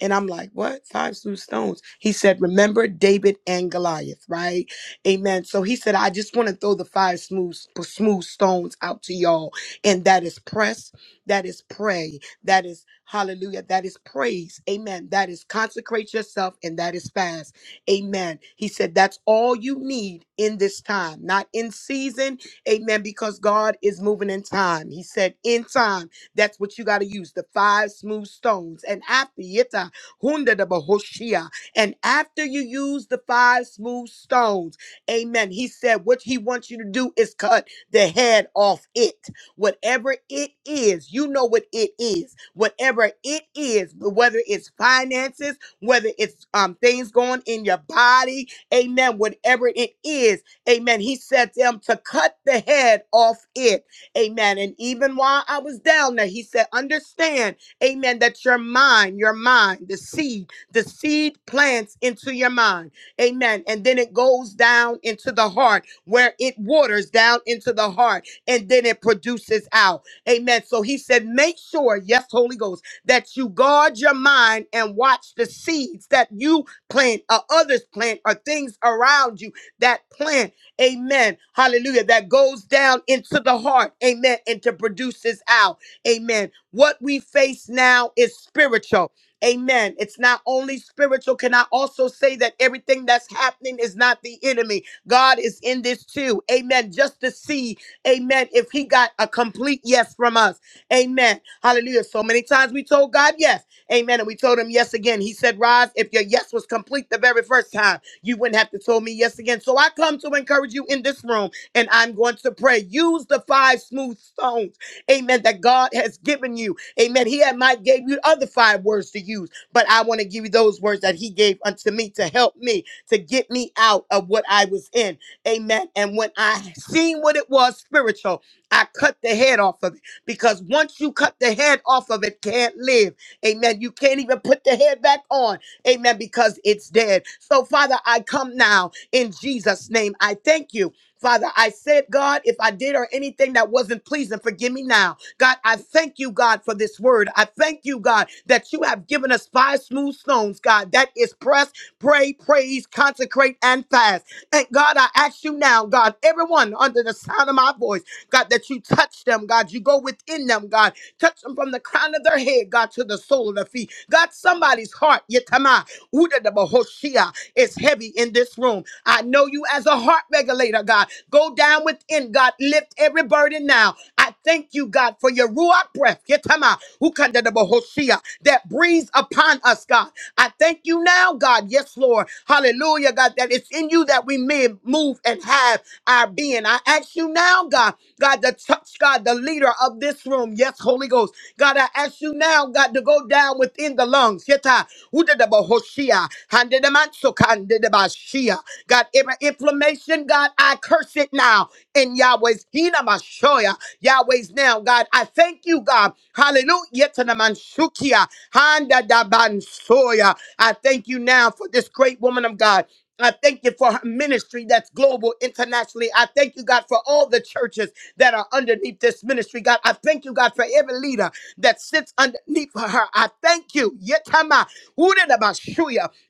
[SPEAKER 5] And I'm like, what? Five smooth stones. He said, remember David and Goliath, right? Amen. So he said, I just want to throw the five smooth, smooth stones out to y'all. And that is press, that is pray, that is hallelujah, that is praise. Amen. That is consecrate yourself and that is fast. Amen. He said, that's all you need in this time, not in season. Amen. Because God is moving in time. He said, in time, that's what you got to use the five smooth stones. And after it. Hunda da Bahoshia. And after you use the five smooth stones, amen. He said what he wants you to do is cut the head off it. Whatever it is, you know what it is. Whatever it is, whether it's finances, whether it's um things going in your body, amen. Whatever it is, amen. He said to them to cut the head off it. Amen. And even while I was down there, he said, understand Amen. That your mind, your mind, the seed, the seed plants into your mind. Amen. And then it goes down into the heart where it waters down into the heart and then it produces out. Amen. So he said, make sure, yes, Holy Ghost, that you guard your mind and watch the seeds that you plant or others plant or things around you that plant. Amen. Hallelujah. That goes down into the heart. Amen. And to produces out. Amen. What we face now is spiritual. Amen. It's not only spiritual. Can I also say that everything that's happening is not the enemy? God is in this too. Amen. Just to see, amen, if he got a complete yes from us. Amen. Hallelujah. So many times we told God yes. Amen. And we told him yes again. He said, Roz, if your yes was complete the very first time, you wouldn't have to tell me yes again. So I come to encourage you in this room, and I'm going to pray. Use the five smooth stones amen, that God has given you. Amen. He had might gave you other five words to use, but I want to give you those words that he gave unto me to help me, to get me out of what I was in. Amen. And when I seen what it was spiritual, I cut the head off of it because once you cut the head off of it, can't live. Amen. You can't even put the head back on. Amen. Because it's dead. So, Father, I come now in Jesus' name. I thank you. Father, I said, God, if I did or anything that wasn't pleasing, forgive me now. God, I thank you, God, for this word. I thank you, God, that you have given us five smooth stones, God, that is press, pray, praise, consecrate, and fast. And God, I ask you now, God, everyone under the sound of my voice, God, that you touch them, God, you go within them, God, touch them from the crown of their head, God, to the sole of their feet. God, somebody's heart, yetama, uda de bohoshia, is heavy in this room. I know you as a heart regulator, God. Go down within, God. Lift every burden now. I thank you, God, for your ruach breath. Yetama, ukandadabohoshia, That breathes upon us, God. I thank you now, God. Yes, Lord. Hallelujah, God, that it's in you that we may move and have our being. I ask you now, God, God, to touch, God, the leader of this room. Yes, Holy Ghost. God, I ask you now, God, to go down within the lungs. Yeta, udadabohoshia, handedamansokandedabashia. Shia. God, every inflammation, God, I curse it now in Yahweh's Hinamashoya, Yahweh's now. God, I thank you, God. Hallelujah to the Manshukia, Handa da Bansoya. I thank you now for this great woman of God. I thank you for her ministry that's global internationally. I thank you, God, for all the churches that are underneath this ministry. God, I thank you, God, for every leader that sits underneath her. I thank you. Yetama,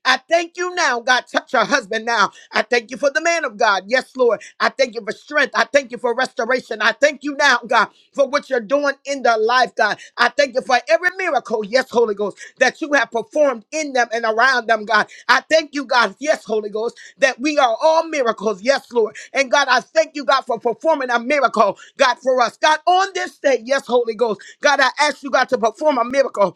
[SPEAKER 5] I thank you now, God. Touch her husband now. I thank you for the man of God. Yes, Lord. I thank you for strength. I thank you for restoration. I thank you now, God, for what you're doing in their life, God. I thank you for every miracle, yes, Holy Ghost, that you have performed in them and around them, God. I thank you, God, yes, Holy Ghost, that we are all miracles, yes, Lord. And God, I thank you, God, for performing a miracle, God, for us. God, on this day, yes, Holy Ghost, God, I ask you, God, to perform a miracle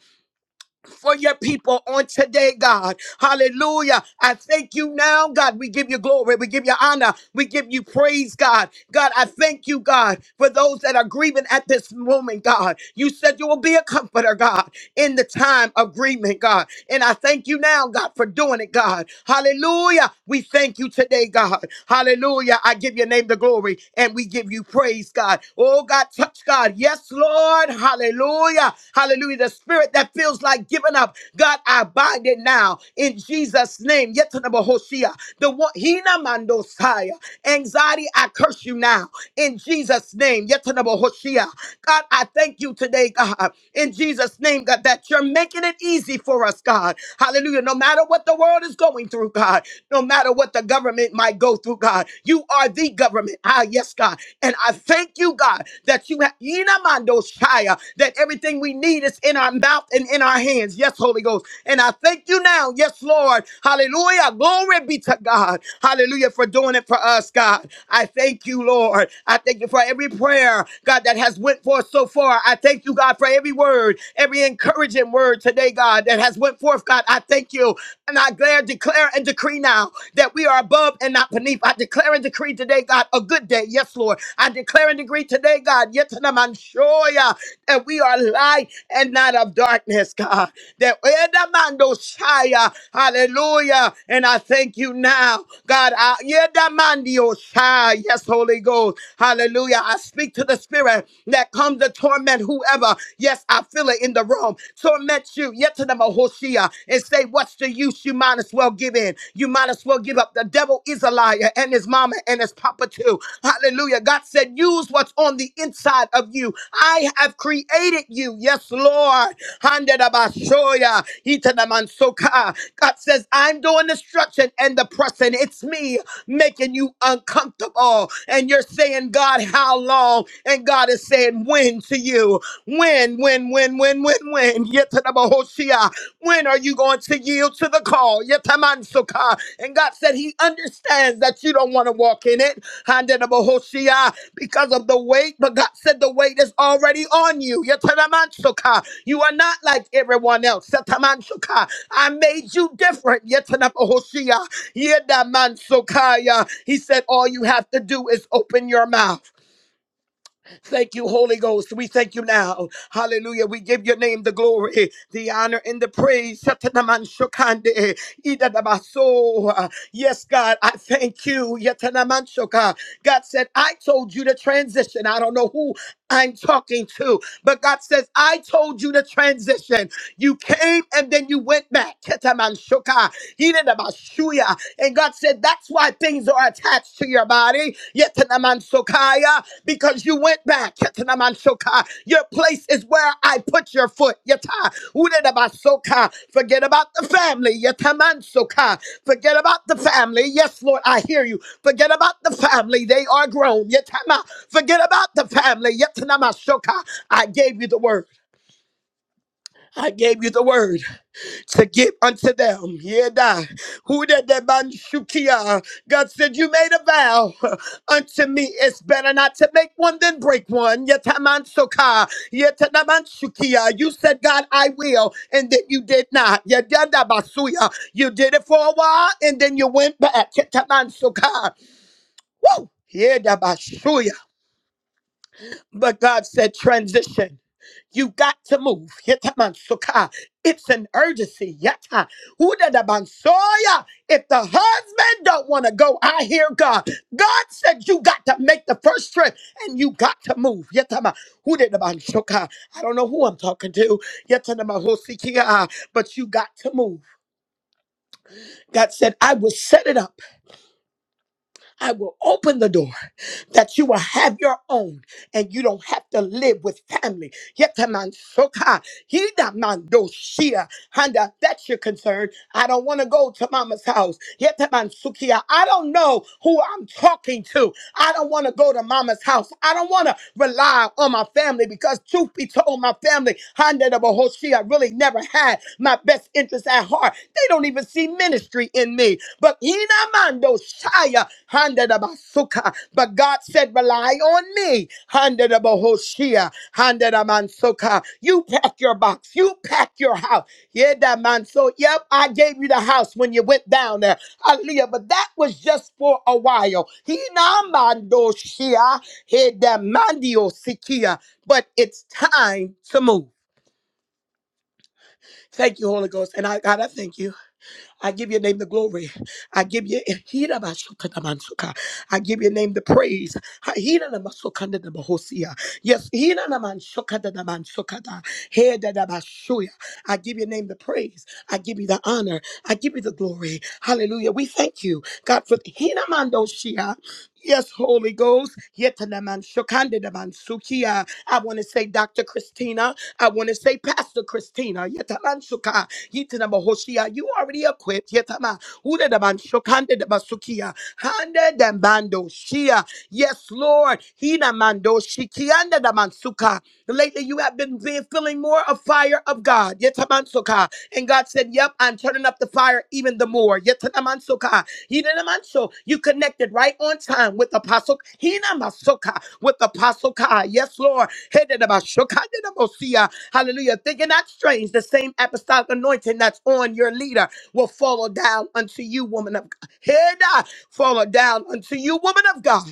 [SPEAKER 5] for your people on today, God. Hallelujah. I thank you now, God. We give you glory. We give you honor. We give you praise, God. God, I thank you, God, for those that are grieving at this moment, God. You said you will be a comforter, God, in the time of grieving, God. And I thank you now, God, for doing it, God. Hallelujah. We thank you today, God. Hallelujah. I give your name the glory and we give you praise, God. Oh, God, touch God. Yes, Lord. Hallelujah. Hallelujah. The spirit that feels like giving up, God, I bind it now in Jesus' name. Yetanaba Hoshea. The one, Hina Mandosaya. Anxiety, I curse you now in Jesus' name. Yetanaba Hoshea. God, I thank you today, God, in Jesus' name, God, that your making it easy for us, God. Hallelujah. No matter what the world is going through, God, no matter what the government might go through, God, you are the government. Ah, yes, God. And I thank you, God, that you have that everything we need is in our mouth and in our hands. Yes, Holy Ghost. And I thank you now. Yes, Lord. Hallelujah. Glory be to God. Hallelujah for doing it for us, God. I thank you, Lord. I thank you for every prayer, God, that has went forth so far. I thank you, God, for every word word, every encouraging word today, God, that has went forth, God. I thank you. And I declare, declare and decree now that we are above and not beneath. I declare and decree today, God, a good day. Yes, Lord. I declare and decree today, God, yet to the man show ya that we are light and not of darkness, God. That Edamando Shia, hallelujah. And I thank you now, God. I, Edamandio Shia, yes, Holy Ghost, hallelujah. I speak to the spirit that comes to torment torment whoever. Yes, I feel it in the room. Torment you, yet to the Hoshea, and say, What's the use? You might as well give in. You might as well give up. The devil is a liar, and his mama and his papa too. Hallelujah. God said, Use what's on the inside of you. I have created you. Yes, Lord. Handedabashoya, itadamansoka. God says, I'm doing destruction and the pressing. It's me making you uncomfortable. And you're saying, God, how long? And God, God is saying when to you. When, when, when, when, when, when. Yetanabahoshia. When are you going to yield to the call? Yetamansuka. And God said He understands that you don't want to walk in it. Handanabahoshia. Because of the weight, but God said the weight is already on you. Yetanamansuka. You are not like everyone else. Yetanamansuka. I made you different. Yetanabahoshia. Yedamansuka. He said, All you have to do is open your mouth. Thank you, Holy Ghost. We thank you now. Hallelujah. We give your name the glory, the honor, and the praise. Shatanaman shokande, idadabaso. Yes, God, I thank you. Yatanaman shoka. God said, I told you to transition. I don't know who. I'm talking to. But God says, I told you to transition. You came and then you went back. Ketamanshoka, Hidenamashuya. And God said, That's why things are attached to your body. Yetanamansokaya, Because you went back. Ketamanshoka. Your place is where I put your foot. Yata. Udedabasoka. Forget about the family. Yatamansoka. Forget about the family. Yes, Lord, I hear you. Forget about the family. They are grown. Yatama. Forget about the family. Yatanamasoka. I gave you the word. I gave you the word to give unto them. Yeah, da. Who did the man shukia? God said, You made a vow unto me. It's better not to make one than break one. Yet man soka. Yet da man shukia. You said, God, I will, and then you did not. Yeah, da basuya. You did it for a while, and then you went back. Yet man soka. Woo! Yeah, da basuya. But God said, Transition. You got to move. Yetamansuka. It's an urgency. Yeta. Udadabansoya. If the husband don't want to go, I hear God. God said you got to make the first trip and you got to move. Yetama. Udadabansuka. I don't know who I'm talking to. Yetanamahosikia. But you got to move. God said, I will set it up. I will open the door that you will have your own and you don't have to live with family. Yetaman soka, hidaman doshia, Handa, that's your concern. I don't want to go to mama's house. Yetaman sukia, I don't know who I'm talking to. I don't want to go to mama's house. I don't want to rely on my family because truth be told, my family, Handa the Bohoshia, really never had my best interest at heart. They don't even see ministry ministry in me. But Hinamando Shaya Handa da Basuka. But God said, rely on me. Handa da Bohoshia. Handa da Mansuka. You pack your box. You pack your house. Yeah, that man. So yep, I gave you the house when you went down there. Hallelujah. But that was just for a while. Hinamando Shia. He da Mandio Sikia. But it's time to move. Thank you, Holy Ghost. And I God, I thank you. I give your name the glory. I give you Hirabashokatamansuka. I give your name the praise. Ha- Hiranamasokandabahosia. Yes, Hiranamansokandabamsokada. Hedadabashuya. I give your name the praise. I give you the honor. I give you the glory. Hallelujah. We thank you, God, for Hiramandoshia. Yes, Holy Ghost. Yetanamanshokandidamanshukia. I want to say Dr. Christina. I want to say Pastor Christina. Yetamanshuka. Yitanamohoshia. You already equipped. Yetama. Udedamanshokandidamasukia. Shia. Yes, Lord. Hinamandoshikiyandadamansuka. Lately, you have been feeling and more of fire of God. Yetamansoka. And God said, Yep, I'm turning up the fire even the more. Yetamansoka. Hinamanso. You connected right on time with Apostle Hinamasoka. With Apostle Kai. Yes, Lord. Hededabashoka dedabosia. Hallelujah. Thinking not strange. The same apostolic anointing that's on your leader will follow down unto you, woman of God. Heda. Follow down unto you, woman of God.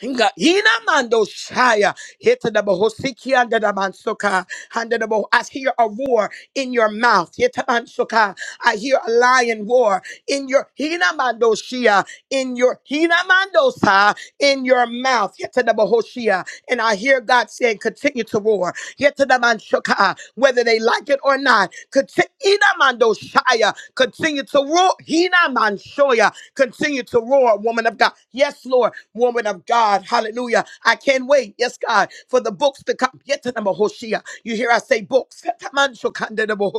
[SPEAKER 5] Inga- Ina mando shaya. Hita da boho siki anda da mansoka. Handa da boho- I hear a roar in your mouth. Hita mansoka. I hear a lion roar in your Hina mando shia. in your Hina mando sa. in your mouth. Hita da boho shia. And I hear God saying, continue to roar. Hita da mansoka. Whether they like it or not, continue, Ina mando shaya. continue to roar. Hina mansoya. Continue to roar. Lord, woman of God. Yes, Lord, woman of God. Hallelujah. I can't wait. Yes, God, for the books to come. Yetanama Hoshea. You hear I say books. Yetamansukandanama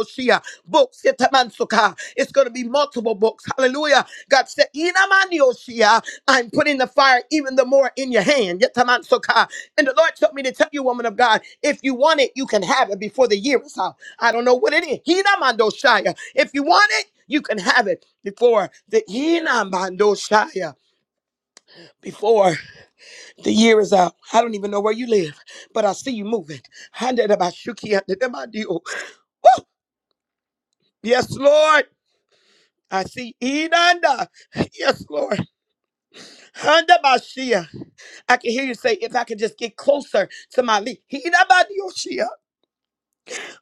[SPEAKER 5] Books. Yetamansuka. It's going to be multiple books. Hallelujah. God said, Inamani Hoshea. I'm putting the fire even the more in your hand. yetamansoka. And the Lord told me to tell you, woman of God, if you want it, you can have it before the year is out. I don't know what it is. Hinamandoshaya. If you want it, you can have it before the Shaya, before the year is out. I don't even know where you live, but I see you moving. Handedabashuki, handedabadiyo. Woo! Yes, Lord. I see Inanda. Yes, Lord. Handabashia. I can hear you say, if I could just get closer to my lead.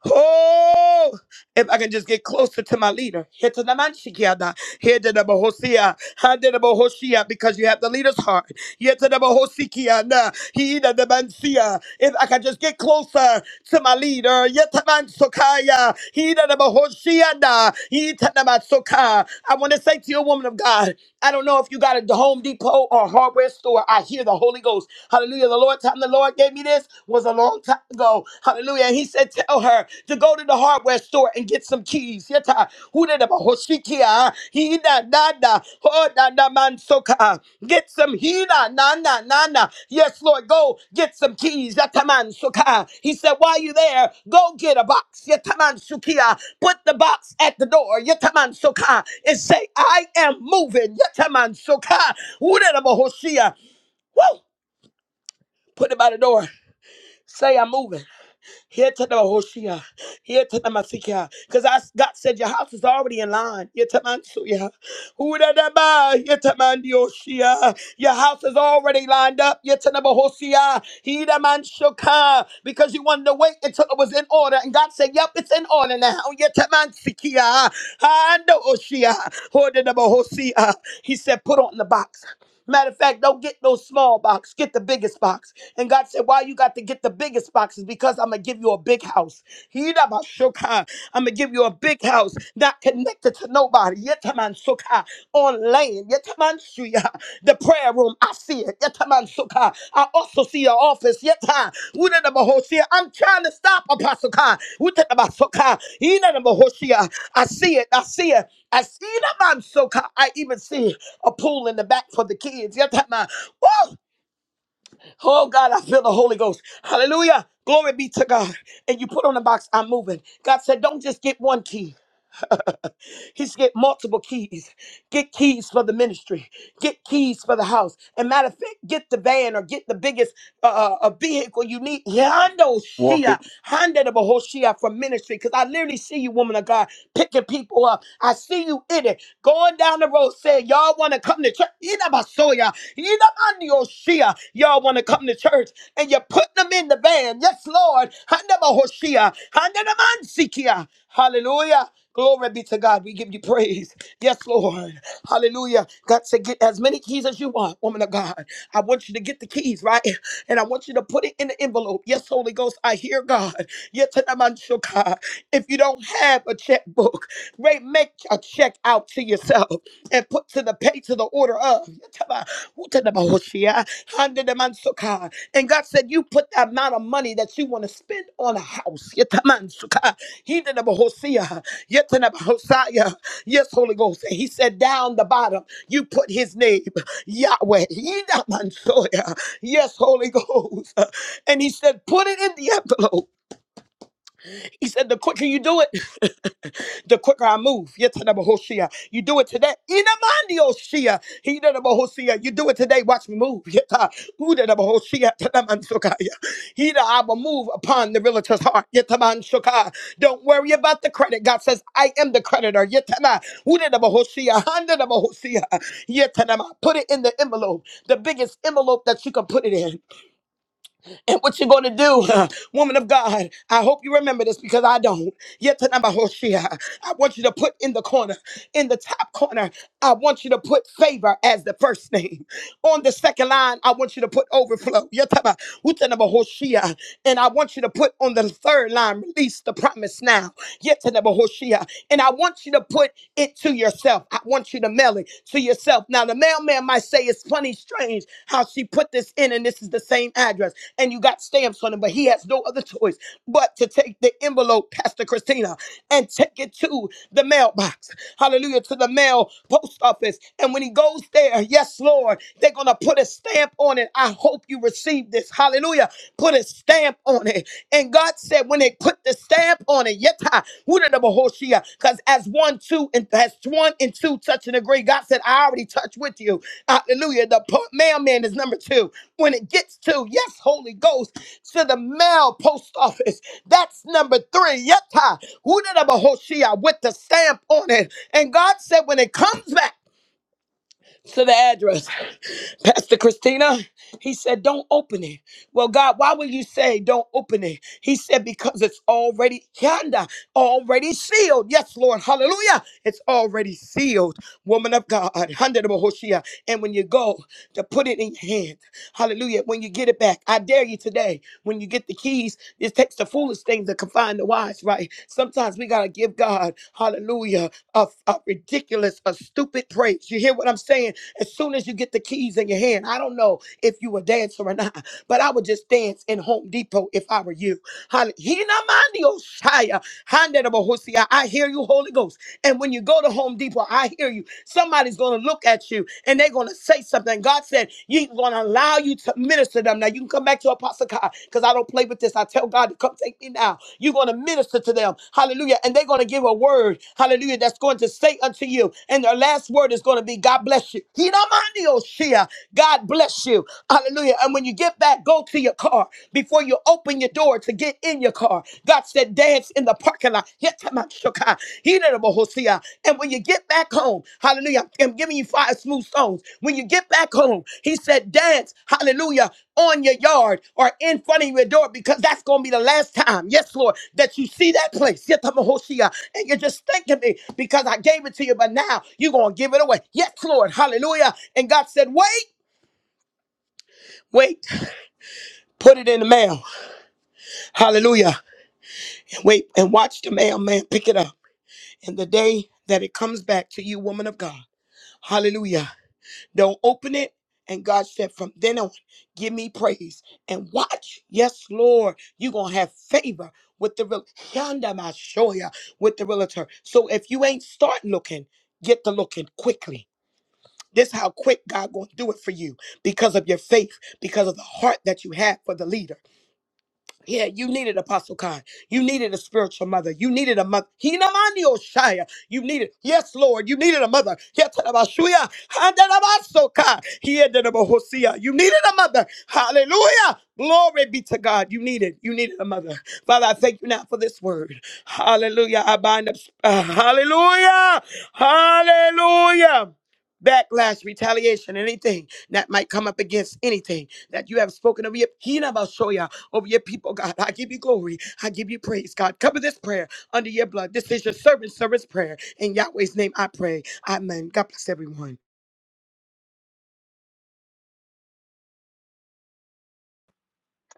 [SPEAKER 5] Oh, if I can just get closer to my leader. Hetanamanshikiyada, hedanabohosia, handanabohoshia, Because you have the leader's heart. Yetanabohosikiyana, hidanamansia. If I can just get closer to my leader. Yetamansokaya, hidanabohoshiana, hitanamatsoka. I want to say to you, woman of God, I don't know if you got a Home Depot or hardware store. I hear the Holy Ghost. Hallelujah. The Lord time the Lord gave me this was a long time ago. Hallelujah. And he said, Tell her to go to the hardware store and get some keys. Yeta. Huda Hida da da. Ho da da man soka. Get some hina na na na na. Yes, Lord, go get some keys. Yeta man soka. He said, While you there, go get a box. Yeta man sukia. Put the box at the door. Yeta man soka. And say, I am moving. Yeta man soka. Huda da ba Woo! Put it by the door. Say I'm moving. Here to the Hoshia. Here to the Masikia. Because God said your house is already in line. Here to Mansuya. Who da da ba? Here to Mandioshia. Your house is already lined up. Here to the Hoshia. He da Manshoka. Because you wanted to wait until it was in order. And God said, Yep, it's in order now. Here to Mansikia. And Oshia. Who da da ba Hoshia. He said, Put on the box. Matter of fact, don't get no small box. Get the biggest box. And God said, Why you got to get the biggest box? Is because I'm going to give you a big house. He I'm going to give you a big house, not connected to nobody. Yetaman On land. Yetaman The prayer room. I see it. Yetaman I also see your office. Yeta. Wuda da ba hosia. I'm trying to stop Apostle Kai. Wuta da ba soka. Ina da I see it. I see it. I see that man so ca- I even see a pool in the back for the kids. Yeah, that man. Woo! Oh God, I feel the Holy Ghost. Hallelujah. Glory be to God. And you put on the box, I'm moving. God said, don't just get one key. He's get multiple keys. Get keys for the ministry. Get keys for the house. And matter of fact, get the van or get the biggest uh, uh, a vehicle you need. Yando
[SPEAKER 2] Walk
[SPEAKER 5] Shia,
[SPEAKER 2] it.
[SPEAKER 5] Honda the Shia for ministry. Because I literally see you, woman of God, picking people up. I see you in it. Going down the road saying, y'all want to come to church. Inabasoya, Inabandio Shia. Y'all want to come to church and you're putting them in the van. Yes, Lord. Handa Bahoshia, Handa Namansikia. Hallelujah. Glory be to God. We give you praise. Yes, Lord. Hallelujah. God said, get as many keys as you want, woman of God. I want you to get the keys, right? And I want you to put it in the envelope. Yes, Holy Ghost, I hear God. Yet to the man shall God. If you don't have a checkbook, re- make a check out to yourself and put to the pay to the order of. Yataba, utadabahoshia, handadamansuka. And God said, You put the amount of money that you want to spend on a house. Yes, Holy Ghost. And He said, Down the bottom, you put His name, Yahweh. Yes, Holy Ghost. And He said, Put it in the envelope. He said, The quicker you do it. the quicker I move. Yetanabahoshia. You do it today. Inamandioshia. Hidanabahoshia. You do it today. Watch me move. Yeta. Udanabahoshia. Tanamanshokaya. Hida, I will move upon the realtor's heart. Yetamanshokaya. Don't worry about the credit. God says, I am the creditor. Yetana. Udanabahoshia. Handanabahoshia. Yetanama. Put it in the envelope, the biggest envelope that you can put it in and what you're going to do. Woman of God, I hope you remember this because I don't. Yet tonight, my Hoshea, I want you to put in the corner, in the top corner, I want you to put favor as the first name. On the second line, I want you to put overflow. Yataba, utanaba hoshia. And I want you to put on the third line, release the promise now. Yatanaba hoshia. And I want you to put it to yourself. I want you to mail it to yourself. Now, the mailman might say it's funny, strange how she put this in and this is the same address. And you got stamps on it, but he has no other choice but to take the envelope, Pastor Christina, and take it to the mailbox. Hallelujah. To the mail post office. And when he goes there, there. Yes, Lord. They're going to put a stamp on it. I hope you receive this. Hallelujah. Put a stamp on it. And God said, when they put the stamp on it, yeta, wudadabahoshia, because as one, two, and as one and two touch and agree, God said, I already touched with you. Hallelujah. The po- mailman is number two. When it gets to, yes, Holy Ghost, to the mail post office, that's number three. Yeta, wudadabahoshia, with the stamp on it. And God said, when it comes back, to the address. Pastor Christina, he said, Don't open it. Well, God, why would you say don't open it? He said, Because it's already yonder, already sealed. Yes, Lord. Hallelujah. It's already sealed. Woman of God. Hundred of Hoshea. And when you go to put it in your hand, hallelujah. When you get it back, I dare you today, when you get the keys, it takes the foolish things to confine the wise, right? Sometimes we gotta give God, hallelujah, a, a ridiculous, a stupid praise. You hear what I'm saying? as soon as you get the keys in your hand. I don't know if you were dancing or not, but I would just dance in Home Depot if I were you. Hall- Hinamandiosaya, Handedabohosia. I hear you, Holy Ghost. And when you go to Home Depot, I hear you. Somebody's going to look at you and they're going to say something. God said, He's going to allow you to minister to them. Now, you can come back to Apostle Kai because I don't play with this. I tell God to come take me now. You're going to minister to them. Hallelujah. And they're going to give a word. Hallelujah. That's going to say unto you. And their last word is going to be, God bless you. Hinamandiosaya. God bless you. Hallelujah. And when you get back, go to your car before you open your door to get in your car. God said, dance in the parking lot. Yetamashoka, Hidebohosia. And when you get back home, hallelujah, I'm giving you five smooth songs. When you get back home, he said, dance, hallelujah, on your yard or in front of your door because that's going to be the last time, yes, Lord, that you see that place. Yetamahosia. And you're just thanking me because I gave it to you, but now you're going to give it away. Yes, Lord, hallelujah. And God said, wait. Wait Put it in the mail. Hallelujah. Wait and watch the mailman Pick it up. And the day that it comes back to you, woman of God. Hallelujah. Don't open it. And God said, from then on, give me praise and watch. Yes, Lord, you're going to have favor with the real Yanda Mashoya with the realtor. So if you ain't start looking, get to looking quickly. This how quick God gonna do it for you because of your faith, because of the heart that you have for the leader. Yeah, you needed Apostle Kai. You needed a spiritual mother. You needed a mother. Hinamani Oshaya. You needed, yes, Lord, you needed a mother. Yatarabashuya. Handarabasoka. Hiederabahosia. You needed a mother. Hallelujah. Glory be to God. You needed, you needed a mother. Father, I thank you now for this word. Hallelujah. I bind up. uh, hallelujah. Hallelujah. Backlash, retaliation, anything that might come up against anything that you have spoken of. Hinabashoya over your people, God. I give you glory. I give you praise, God. Cover this prayer under your blood. This is your servant, servant's prayer. In Yahweh's name, I pray. Amen. God bless everyone.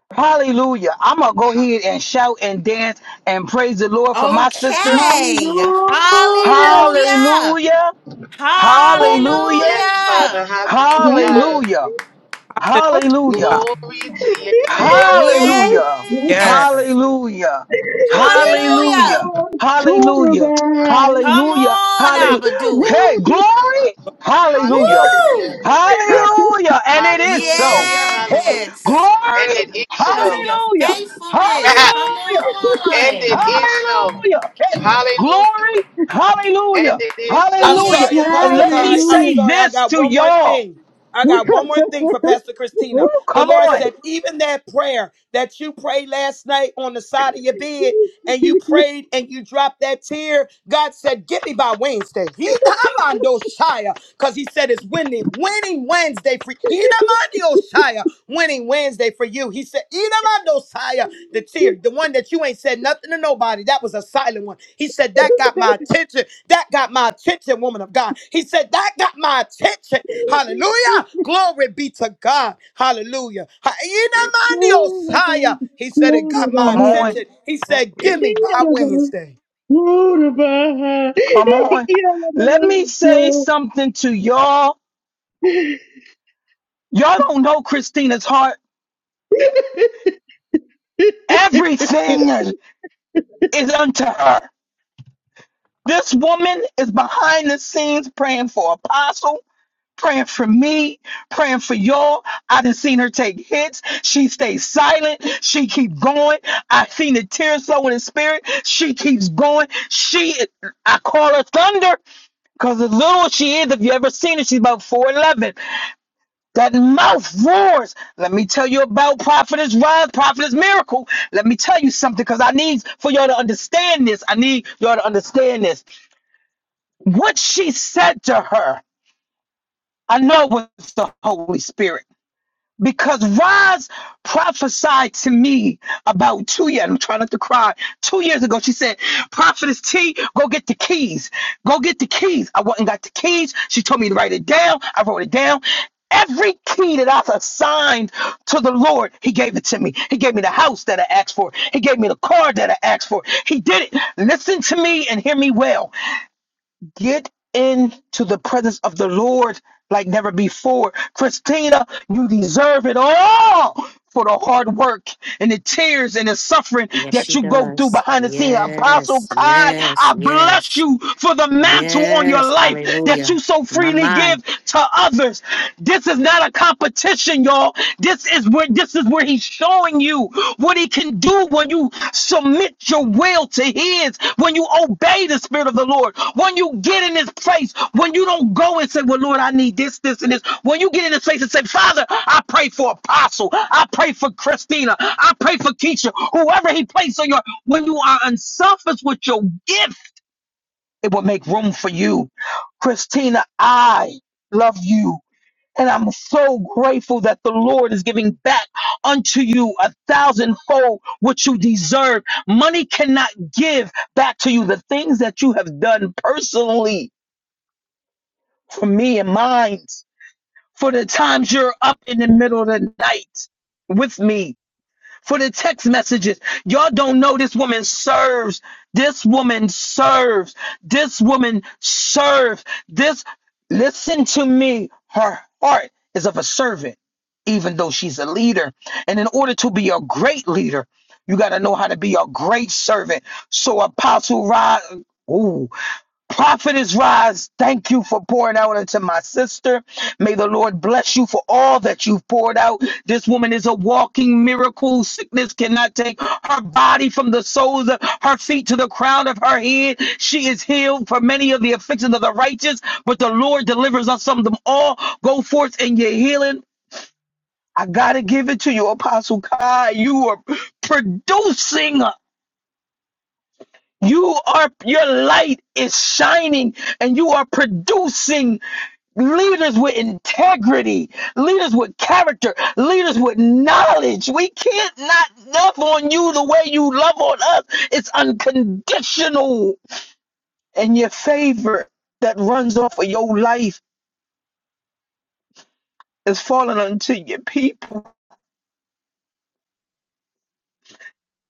[SPEAKER 2] Hallelujah. I'm going to go ahead and shout and dance and praise the Lord for my sister.
[SPEAKER 7] Okay.
[SPEAKER 6] Hallelujah.
[SPEAKER 7] Hallelujah.
[SPEAKER 2] Hallelujah. Hallelujah.
[SPEAKER 1] Yes, Father.
[SPEAKER 7] Hallelujah.
[SPEAKER 1] Hallelujah.
[SPEAKER 2] Hallelujah. Hallelujah.
[SPEAKER 1] Glory to your name.
[SPEAKER 2] Hallelujah.
[SPEAKER 4] Yes,
[SPEAKER 7] Yes.
[SPEAKER 2] Hallelujah. Hallelujah.
[SPEAKER 7] Hallelujah.
[SPEAKER 2] Hallelujah.
[SPEAKER 7] Come
[SPEAKER 1] Hallelujah.
[SPEAKER 2] Hallelujah.
[SPEAKER 7] on,
[SPEAKER 2] Hallelujah.
[SPEAKER 7] Abba, do it.
[SPEAKER 2] Hey, glory.
[SPEAKER 4] yes,
[SPEAKER 2] Hallelujah.
[SPEAKER 1] Hallelujah.
[SPEAKER 7] Woo!
[SPEAKER 4] Father.
[SPEAKER 2] Hallelujah. And it is
[SPEAKER 4] Yes,
[SPEAKER 2] so.
[SPEAKER 1] Hallelujah.
[SPEAKER 2] Hey,
[SPEAKER 1] Hallelujah.
[SPEAKER 7] Yes.
[SPEAKER 1] And
[SPEAKER 2] glory.
[SPEAKER 1] it is
[SPEAKER 7] Because of
[SPEAKER 1] so.
[SPEAKER 7] your
[SPEAKER 2] Hallelujah.
[SPEAKER 7] faithfulness.
[SPEAKER 1] and
[SPEAKER 7] Come
[SPEAKER 2] Hallelujah.
[SPEAKER 7] on.
[SPEAKER 1] it is so.
[SPEAKER 2] Hallelujah. Hey,
[SPEAKER 1] Hallelujah.
[SPEAKER 2] glory. Hallelujah.
[SPEAKER 1] And it is
[SPEAKER 5] I'm
[SPEAKER 1] so.
[SPEAKER 2] Hallelujah.
[SPEAKER 5] sorry,
[SPEAKER 2] And
[SPEAKER 5] Apostle
[SPEAKER 2] let me
[SPEAKER 5] Kai.
[SPEAKER 7] Yes.
[SPEAKER 5] I'm
[SPEAKER 6] Hallelujah.
[SPEAKER 2] say
[SPEAKER 5] sorry. I
[SPEAKER 2] this
[SPEAKER 5] got
[SPEAKER 2] to
[SPEAKER 5] one more
[SPEAKER 2] y'all.
[SPEAKER 5] thing. I got one more thing for Pastor
[SPEAKER 2] Woo,
[SPEAKER 5] Christina. The
[SPEAKER 2] come
[SPEAKER 5] Lord
[SPEAKER 2] on.
[SPEAKER 5] said, even that prayer that you prayed last night on the side of your bed, and you prayed and you dropped that tear, God said, Get me by Wednesday. Because He said it's winning, winning Wednesday for Hinamandoshaya, winning Wednesday for you. He said, Hinamandoshaya, the tear, the one that you ain't said nothing to nobody. That was a silent one. He said, That got my attention. That got my attention, woman of God. He said, That got my attention. Hallelujah. Glory be to God. Hallelujah. Ha-
[SPEAKER 6] Glory to God. Glory to God.
[SPEAKER 5] Inamandiosaya. He said, It
[SPEAKER 6] Glory
[SPEAKER 5] got my
[SPEAKER 2] Come on.
[SPEAKER 5] attention. He said, Give me by Wednesday.
[SPEAKER 2] Come on.
[SPEAKER 6] to
[SPEAKER 2] Let me say
[SPEAKER 6] God.
[SPEAKER 2] something to y'all. Y'all don't know Christina's heart. Everything is unto her. This woman is behind the scenes praying for Apostle, praying for me, praying for y'all. I done seen her take hits. She stays silent. She keep going. I seen the tears flow in the spirit. She keeps going. She, I call her thunder because as little as she is, if you ever seen her, she's about 4'11. That mouth roars. Let me tell you about Prophetess Rise, Prophetess Miracle. Let me tell you something because I need for y'all to understand this. I need y'all to understand this. What she said to her, I know it was the Holy Spirit because Roz prophesied to me about two years. I'm trying not to cry. Two years ago, she said, "Prophetess T, go get the keys. Go get the keys." I went and got the keys. She told me to write it down. I wrote it down. Every key that I have assigned to the Lord, He gave it to me. He gave me the house that I asked for. He gave me the car that I asked for. He did it. Listen to me and hear me well get into the presence of the Lord like never before. Christina, you deserve it all for the hard work and the tears and the suffering
[SPEAKER 7] Yes, she
[SPEAKER 2] that you go through
[SPEAKER 7] does.
[SPEAKER 2] behind the scenes. Apostle
[SPEAKER 7] Yes,
[SPEAKER 2] Kai,
[SPEAKER 7] yes,
[SPEAKER 2] I bless
[SPEAKER 7] yes,
[SPEAKER 2] you for the mantle on your
[SPEAKER 7] yes.
[SPEAKER 2] life that
[SPEAKER 7] Hallelujah.
[SPEAKER 2] you so
[SPEAKER 7] My
[SPEAKER 2] freely
[SPEAKER 7] mind.
[SPEAKER 2] give to others. This is not a competition attention, y'all. This is where this is where he's showing you what he can do when you submit your will to his, when you obey the spirit of the Lord, when you get in this place, when you don't go and say, Well, Lord, I need this, this, and this. When you get in this place and say, Father, I pray for apostle, I pray for Christina, I pray for Keisha, whoever he placed on your when you are unselfish with your gift, it will make room for you. Christina, I love you. And I'm so grateful that the Lord is giving back unto you a thousandfold what you deserve. Money cannot give back to you the things that you have done personally for me and mine, for the times you're up in the middle of the night with me, for the text messages. Y'all don't know this woman serves. This woman serves. This woman serves. This, listen to me. Her heart is of a servant, even though she's a leader. And in order to be a great leader, you got to know how to be a great servant. So, Apostle Rod. Ooh, Prophetess Rise, thank you for pouring out into my sister. May the Lord bless you for all that you've poured out. This woman is a walking miracle. Sickness cannot take her body from the soles of her feet to the crown of her head. She is healed for many of the afflictions of the righteous, but the Lord delivers us from them all. Go forth in your healing. I gotta give it to you, Apostle Kai. You are producing. You are your light is shining and you are producing leaders with integrity, leaders with character, leaders with knowledge. We can't not love on you the way you love on us. It's unconditional. And your favor that runs off of your life is falling onto your people.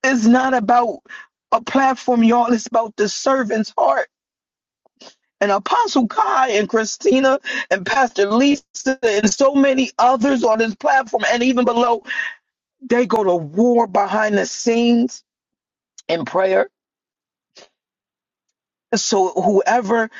[SPEAKER 2] It's not about a platform, y'all. It's about the servant's heart. And Apostle Kai and Christina and Pastor Lisa and so many others on this platform and even below, they go to war behind the scenes in prayer. So whoever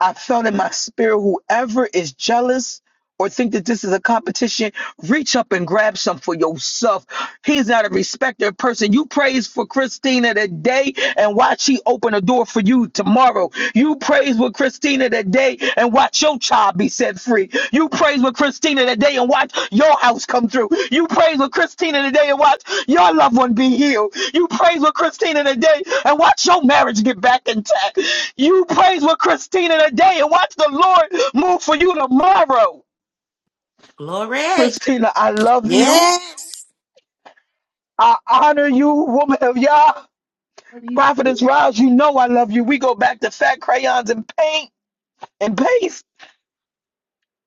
[SPEAKER 2] I felt in my spirit, whoever is jealous or think that this is a competition, reach up and grab some for yourself. He's not a respecter of person. You praise for Christina today and watch she open a door for you tomorrow. You praise with Christina today and watch your child be set free. You praise with Christina today and watch your house come through. You praise with Christina today and watch your loved one be healed. You praise with Christina today and watch your marriage get back intact. You praise with Christina today and watch the Lord move for you tomorrow.
[SPEAKER 7] Glory.
[SPEAKER 2] Christina, I love you.
[SPEAKER 7] Yes.
[SPEAKER 2] I honor you, woman of Yah.
[SPEAKER 6] Love you.
[SPEAKER 2] Prophetess Rise, you know I love you. We go back to fat crayons and paint and paste.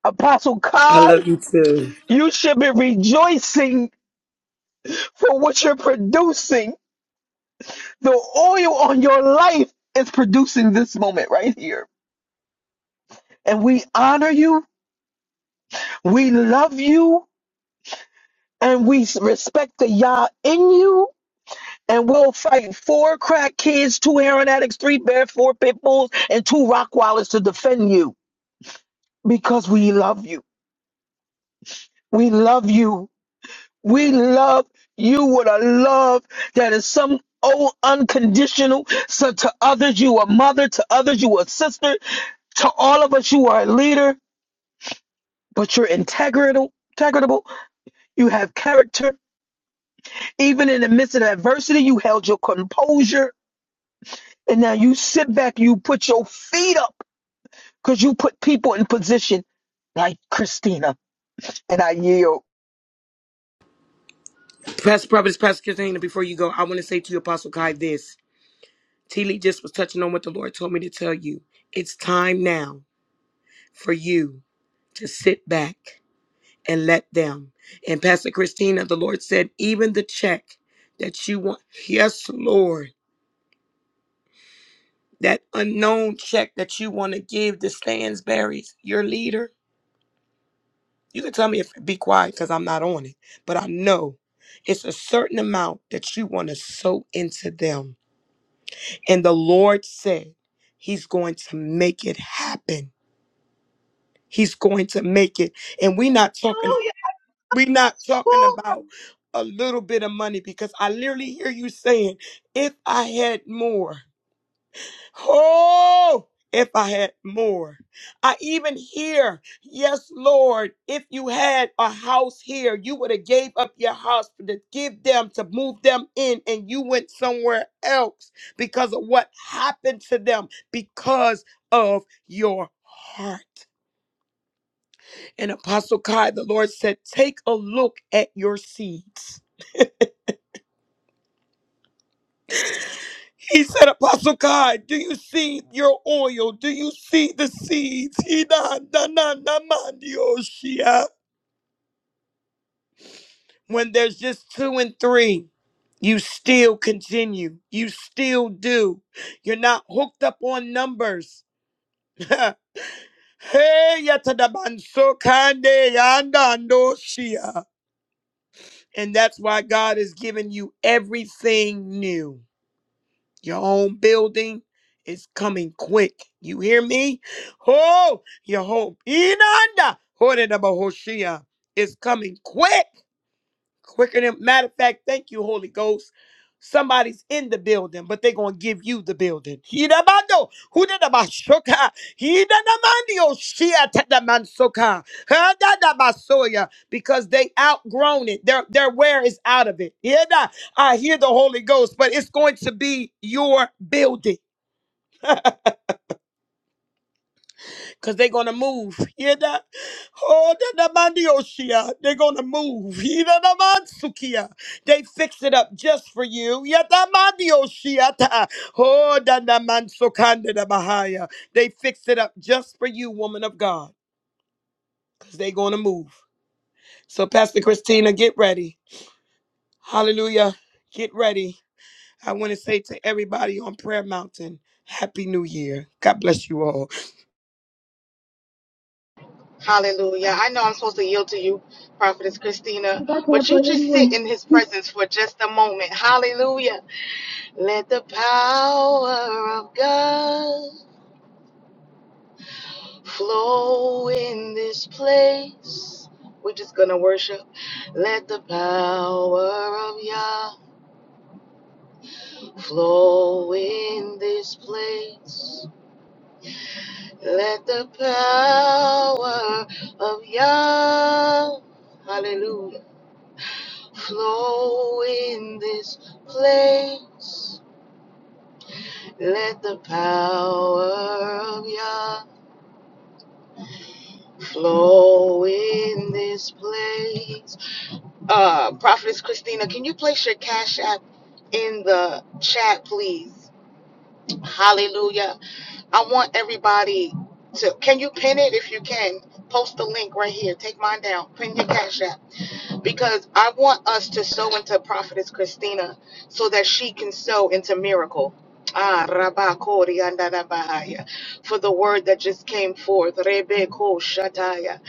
[SPEAKER 2] Apostle
[SPEAKER 5] I
[SPEAKER 2] Kai,
[SPEAKER 5] love you too.
[SPEAKER 2] you should be rejoicing for what you're producing. The oil on your life is producing this moment right here. And we honor you, we love you, and we respect the Yah in you. And we'll fight four crack kids, two heroin addicts, three bear, four pit bulls, and two rock wallets to defend you. because we love you. We love you. We love you with a love that is some oh unconditional. So to others, you are mother. To others, you are sister. To all of us, you are a leader. But you're integral, integrable. You have character. Even in the midst of adversity, you held your composure, and now you sit back. You put your feet up because you put people in position like Christina. And I yield.
[SPEAKER 5] Pastor Providence, Pastor Christina, before you go, I want to say to you, Apostle Kai, this. T. Lee just was touching on what the Lord told me to tell you. It's time now for you to sit back and let them. And Pastor Christina, the Lord said, even the check that you want. Yes, Lord. that unknown check that you want to give to Stansberry's, your leader, you can tell me if be quiet because I'm not on it. But I know it's a certain amount that you want to sow into them. And the Lord said He's going to make it happen. He's going to make it. And we're not talking,
[SPEAKER 6] Hallelujah.
[SPEAKER 5] we're not talking
[SPEAKER 6] Oh,
[SPEAKER 5] about a little bit of money because I literally hear you saying, if I had more. Oh, if I had more. I even hear, yes, Lord, if you had a house here, you would have gave up your house to give them, to move them in, and you went somewhere else because of what happened to them because of your heart. And Apostle Kai, the Lord said, take a look at your seeds. He said, Apostle God, do you see your oil? Do you see the seeds? He na- na- na- man, yo, When there's just two and three, you still continue. You still do. You're not hooked up on numbers. Hey, yata so kande yanda ndo shia. And that's why God has given you everything new. Your own building is coming quick. You hear me? Oh, your home. Inanda. Hoshia is coming quick quicker than matter of fact thank you holy ghost somebody's in the building but they're gonna give you the building Hidabando, hudadabashoka, hidanamandio, shiatadamansoka, hadadabasoya, because they outgrown it their their wear is out of it Yeda, i hear the holy ghost but it's going to be your building Cause they're gonna move. Yeah, that. Oh, the mandioshia. They're gonna move. Yeah, the mansukia. They fix it up just for you. Yeah, The mandioshia. Oh, the mansukanda the bahaya. They fix it up just for you, woman of God. Cause they're gonna move. So, Pastor Christina, get ready. Hallelujah. Get ready. I want to say to everybody on Prayer Mountain, Happy New Year. God bless you all.
[SPEAKER 1] Hallelujah. I know I'm supposed to yield to you, Prophetess Christina,
[SPEAKER 6] I
[SPEAKER 1] but
[SPEAKER 6] can't
[SPEAKER 1] you
[SPEAKER 6] pray
[SPEAKER 1] just sit
[SPEAKER 6] anyway.
[SPEAKER 1] in his presence for just a moment. Hallelujah. Let the power of God flow in this place. We're just going to worship. Let the power of Yah flow in this place. Let the power of Yah. Hallelujah. Flow in this place. Let the power of Yah flow in this place. Uh, Prophetess Christina, can you place your cash app in the chat, please? Hallelujah. I want everybody to. Can you pin it if you can? Post the link right here. Take mine down. Pin your cash app because I want us to sow into Prophetess Christina so that she can sow into miracle. Ah, Rabba Kori anda da Bahaya. For the word that just came forth, Rebe Ko Shataya.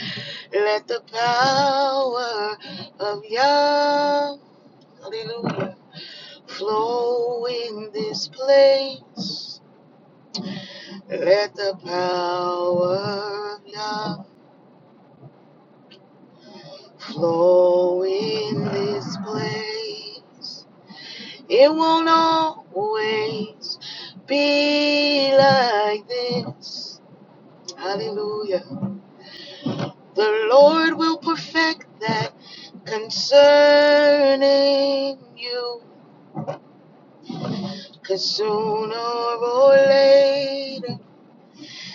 [SPEAKER 1] Let the power of Yah, Hallelujah, flow in this place. Let the power of love flow in this place. It won't always be like this. Hallelujah. The Lord will perfect that concerning you, 'cause sooner or later,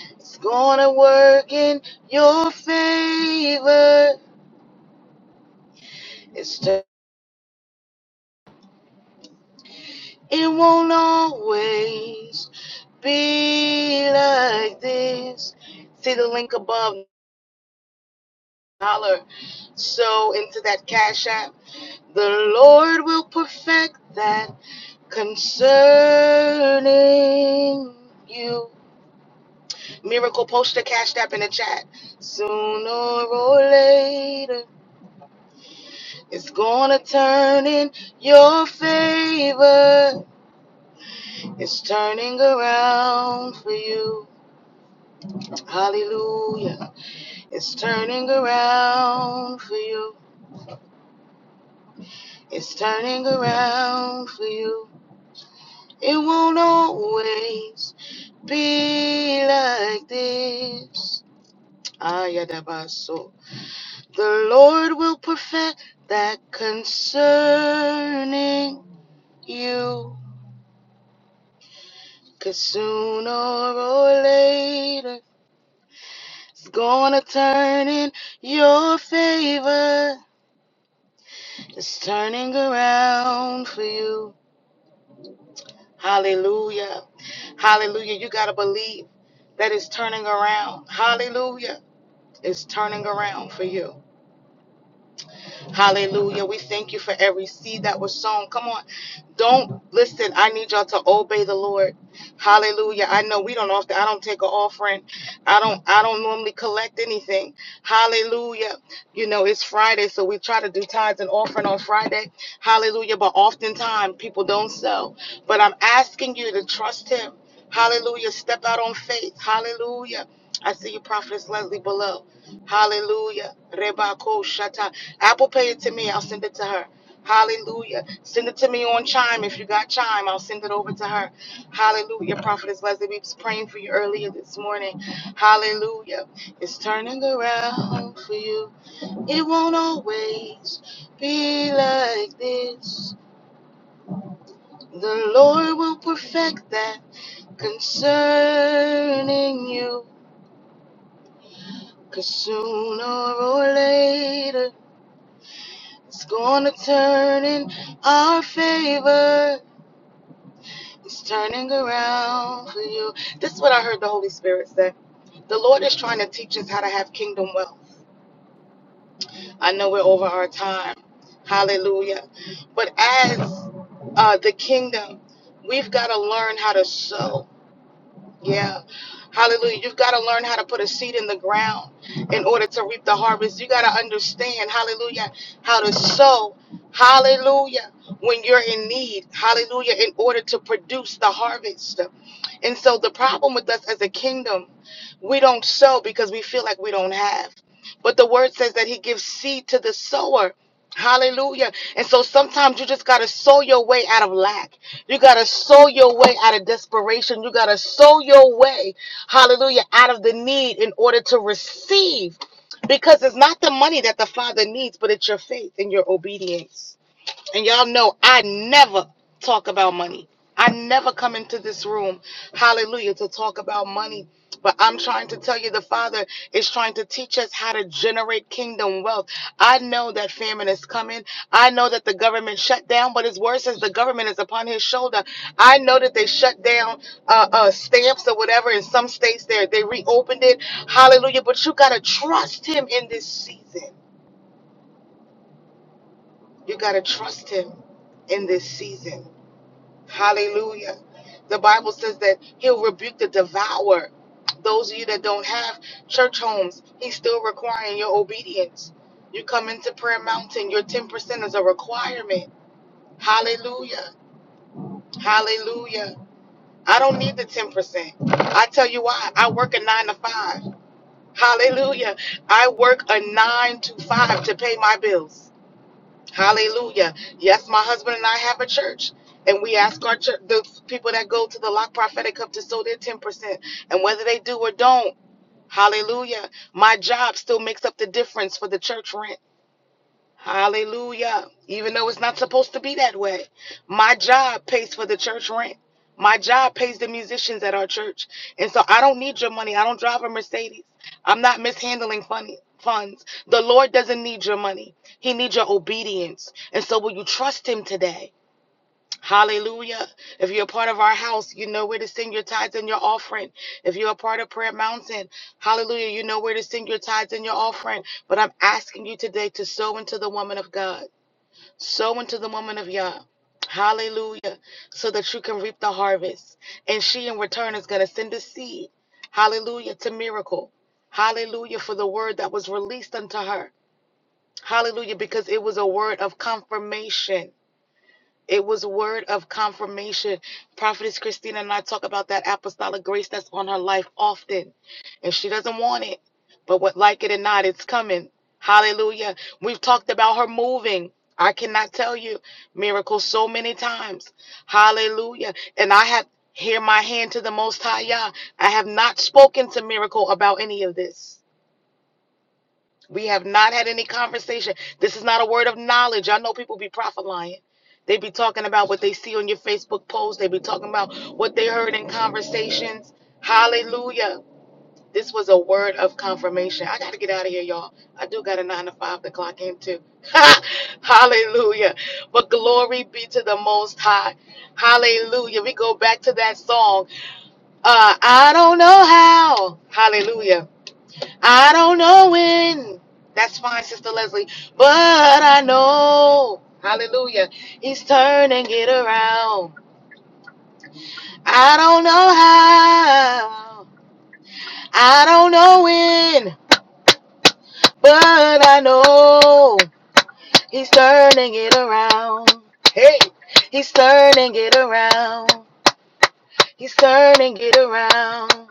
[SPEAKER 1] it's gonna work in your favor. It's It won't always be like this. See the link above, holler. So into that cash app. The Lord will perfect that concerning you. Miracle poster cash app in the chat. Sooner or later, it's gonna turn in your favor. It's turning around for you. Hallelujah. It's turning around for you. It's turning around for you. It won't always be like this. Ayadabaso. The Lord will perfect that concerning you. 'Cause sooner or later, it's gonna turn in your favor. It's turning around for you. Hallelujah. Hallelujah. You got to believe that it's turning around. Hallelujah. It's turning around for you. Hallelujah. We thank you for every seed that was sown. Come on. Don't listen. I need y'all to obey the Lord. Hallelujah. I know we don't often I don't take an offering. I don't I don't normally collect anything. Hallelujah. You know, it's Friday, so we try to do tithes and offering on Friday. Hallelujah. But oftentimes people don't sow. But I'm asking you to trust him. Hallelujah. Step out on faith. Hallelujah. I see you, Prophetess Leslie, below. Hallelujah. Reba ko shata. Apple Pay it to me. I'll send it to her. Hallelujah. Send it to me on Chime. If you got Chime, I'll send it over to her. Hallelujah. Prophetess Leslie, we was praying for you earlier this morning. Hallelujah. It's turning around for you. It won't always be like this. The Lord will perfect that concerning you. Cause sooner or later, it's gonna turn in our favor. It's turning around for you. This is what I heard the Holy Spirit say. The Lord is trying to teach us how to have kingdom wealth. I know we're over our time. Hallelujah. But as uh, the kingdom, we've got to learn how to sow. Yeah. Hallelujah. You've got to learn how to put a seed in the ground in order to reap the harvest. You got to understand, hallelujah, how to sow, hallelujah, when you're in need, hallelujah, in order to produce the harvest. And so the problem with us as a kingdom, we don't sow because we feel like we don't have. But the word says that he gives seed to the sower. Hallelujah. And so sometimes you just got to sow your way out of lack. You got to sow your way out of desperation. You got to sow your way, hallelujah, out of the need in order to receive. Because it's not the money that the Father needs, but it's your faith and your obedience. And y'all know I never talk about money. I never come into this room, hallelujah, to talk about money. But I'm trying to tell you, the Father is trying to teach us how to generate kingdom wealth. I know that famine is coming. I know that the government shut down, but his word says the government is upon his shoulder. I know that they shut down uh, uh, stamps or whatever in some states. There, they reopened it. Hallelujah! But you gotta trust him in this season. You gotta trust him in this season. Hallelujah. The Bible says that he'll rebuke the devourer. Those of you that don't have church homes, he's still requiring your obedience. You come into Prayer Mountain, your 10% is a requirement. Hallelujah. Hallelujah. I don't need the 10%. I tell you why. I work a nine to five. Hallelujah. I work a nine to five to pay my bills. Hallelujah. Yes, my husband and I have a church. And we ask our church, the people that go to the Lock Prophetic Cup to sow their 10%. And whether they do or don't, hallelujah, my job still makes up the difference for the church rent. Hallelujah. Even though it's not supposed to be that way. My job pays for the church rent. My job pays the musicians at our church. And so I don't need your money. I don't drive a Mercedes. I'm not mishandling funny funds. The Lord doesn't need your money. He needs your obedience. And so will you trust him today? Hallelujah. If you're a part of our house, you know where to send your tithes and your offering. If you're a part of Prayer Mountain, hallelujah, you know where to send your tithes and your offering. But I'm asking you today to sow into the woman of God, sow into the woman of Yah. Hallelujah. So that you can reap the harvest. And she in return is going to send a seed. Hallelujah to miracle. Hallelujah for the word that was released unto her. Hallelujah because it was a word of confirmation. It was a word of confirmation. Prophetess Christina and I talk about that apostolic grace that's on her life often. And she doesn't want it. But what like it or not, it's coming. Hallelujah. We've talked about her moving. I cannot tell you miracles so many times. Hallelujah. And I have here my hand to the most high Yah. I have not spoken to miracle about any of this. We have not had any conversation. This is not a word of knowledge. I know people be prophet lying. They be talking about what they see on your Facebook post. They be talking about what they heard in conversations. Hallelujah. This was a word of confirmation. I got to get out of here, y'all. I do got a nine to five to clock in too. Hallelujah. But glory be to the Most High. Hallelujah. We go back to that song. Uh, I don't know how. Hallelujah. I don't know when. That's fine, Sister Leslie. But I know. Hallelujah. He's turning it around. I don't know how. I don't know when. But I know. He's turning it around. Hey. He's turning it around. He's turning it around.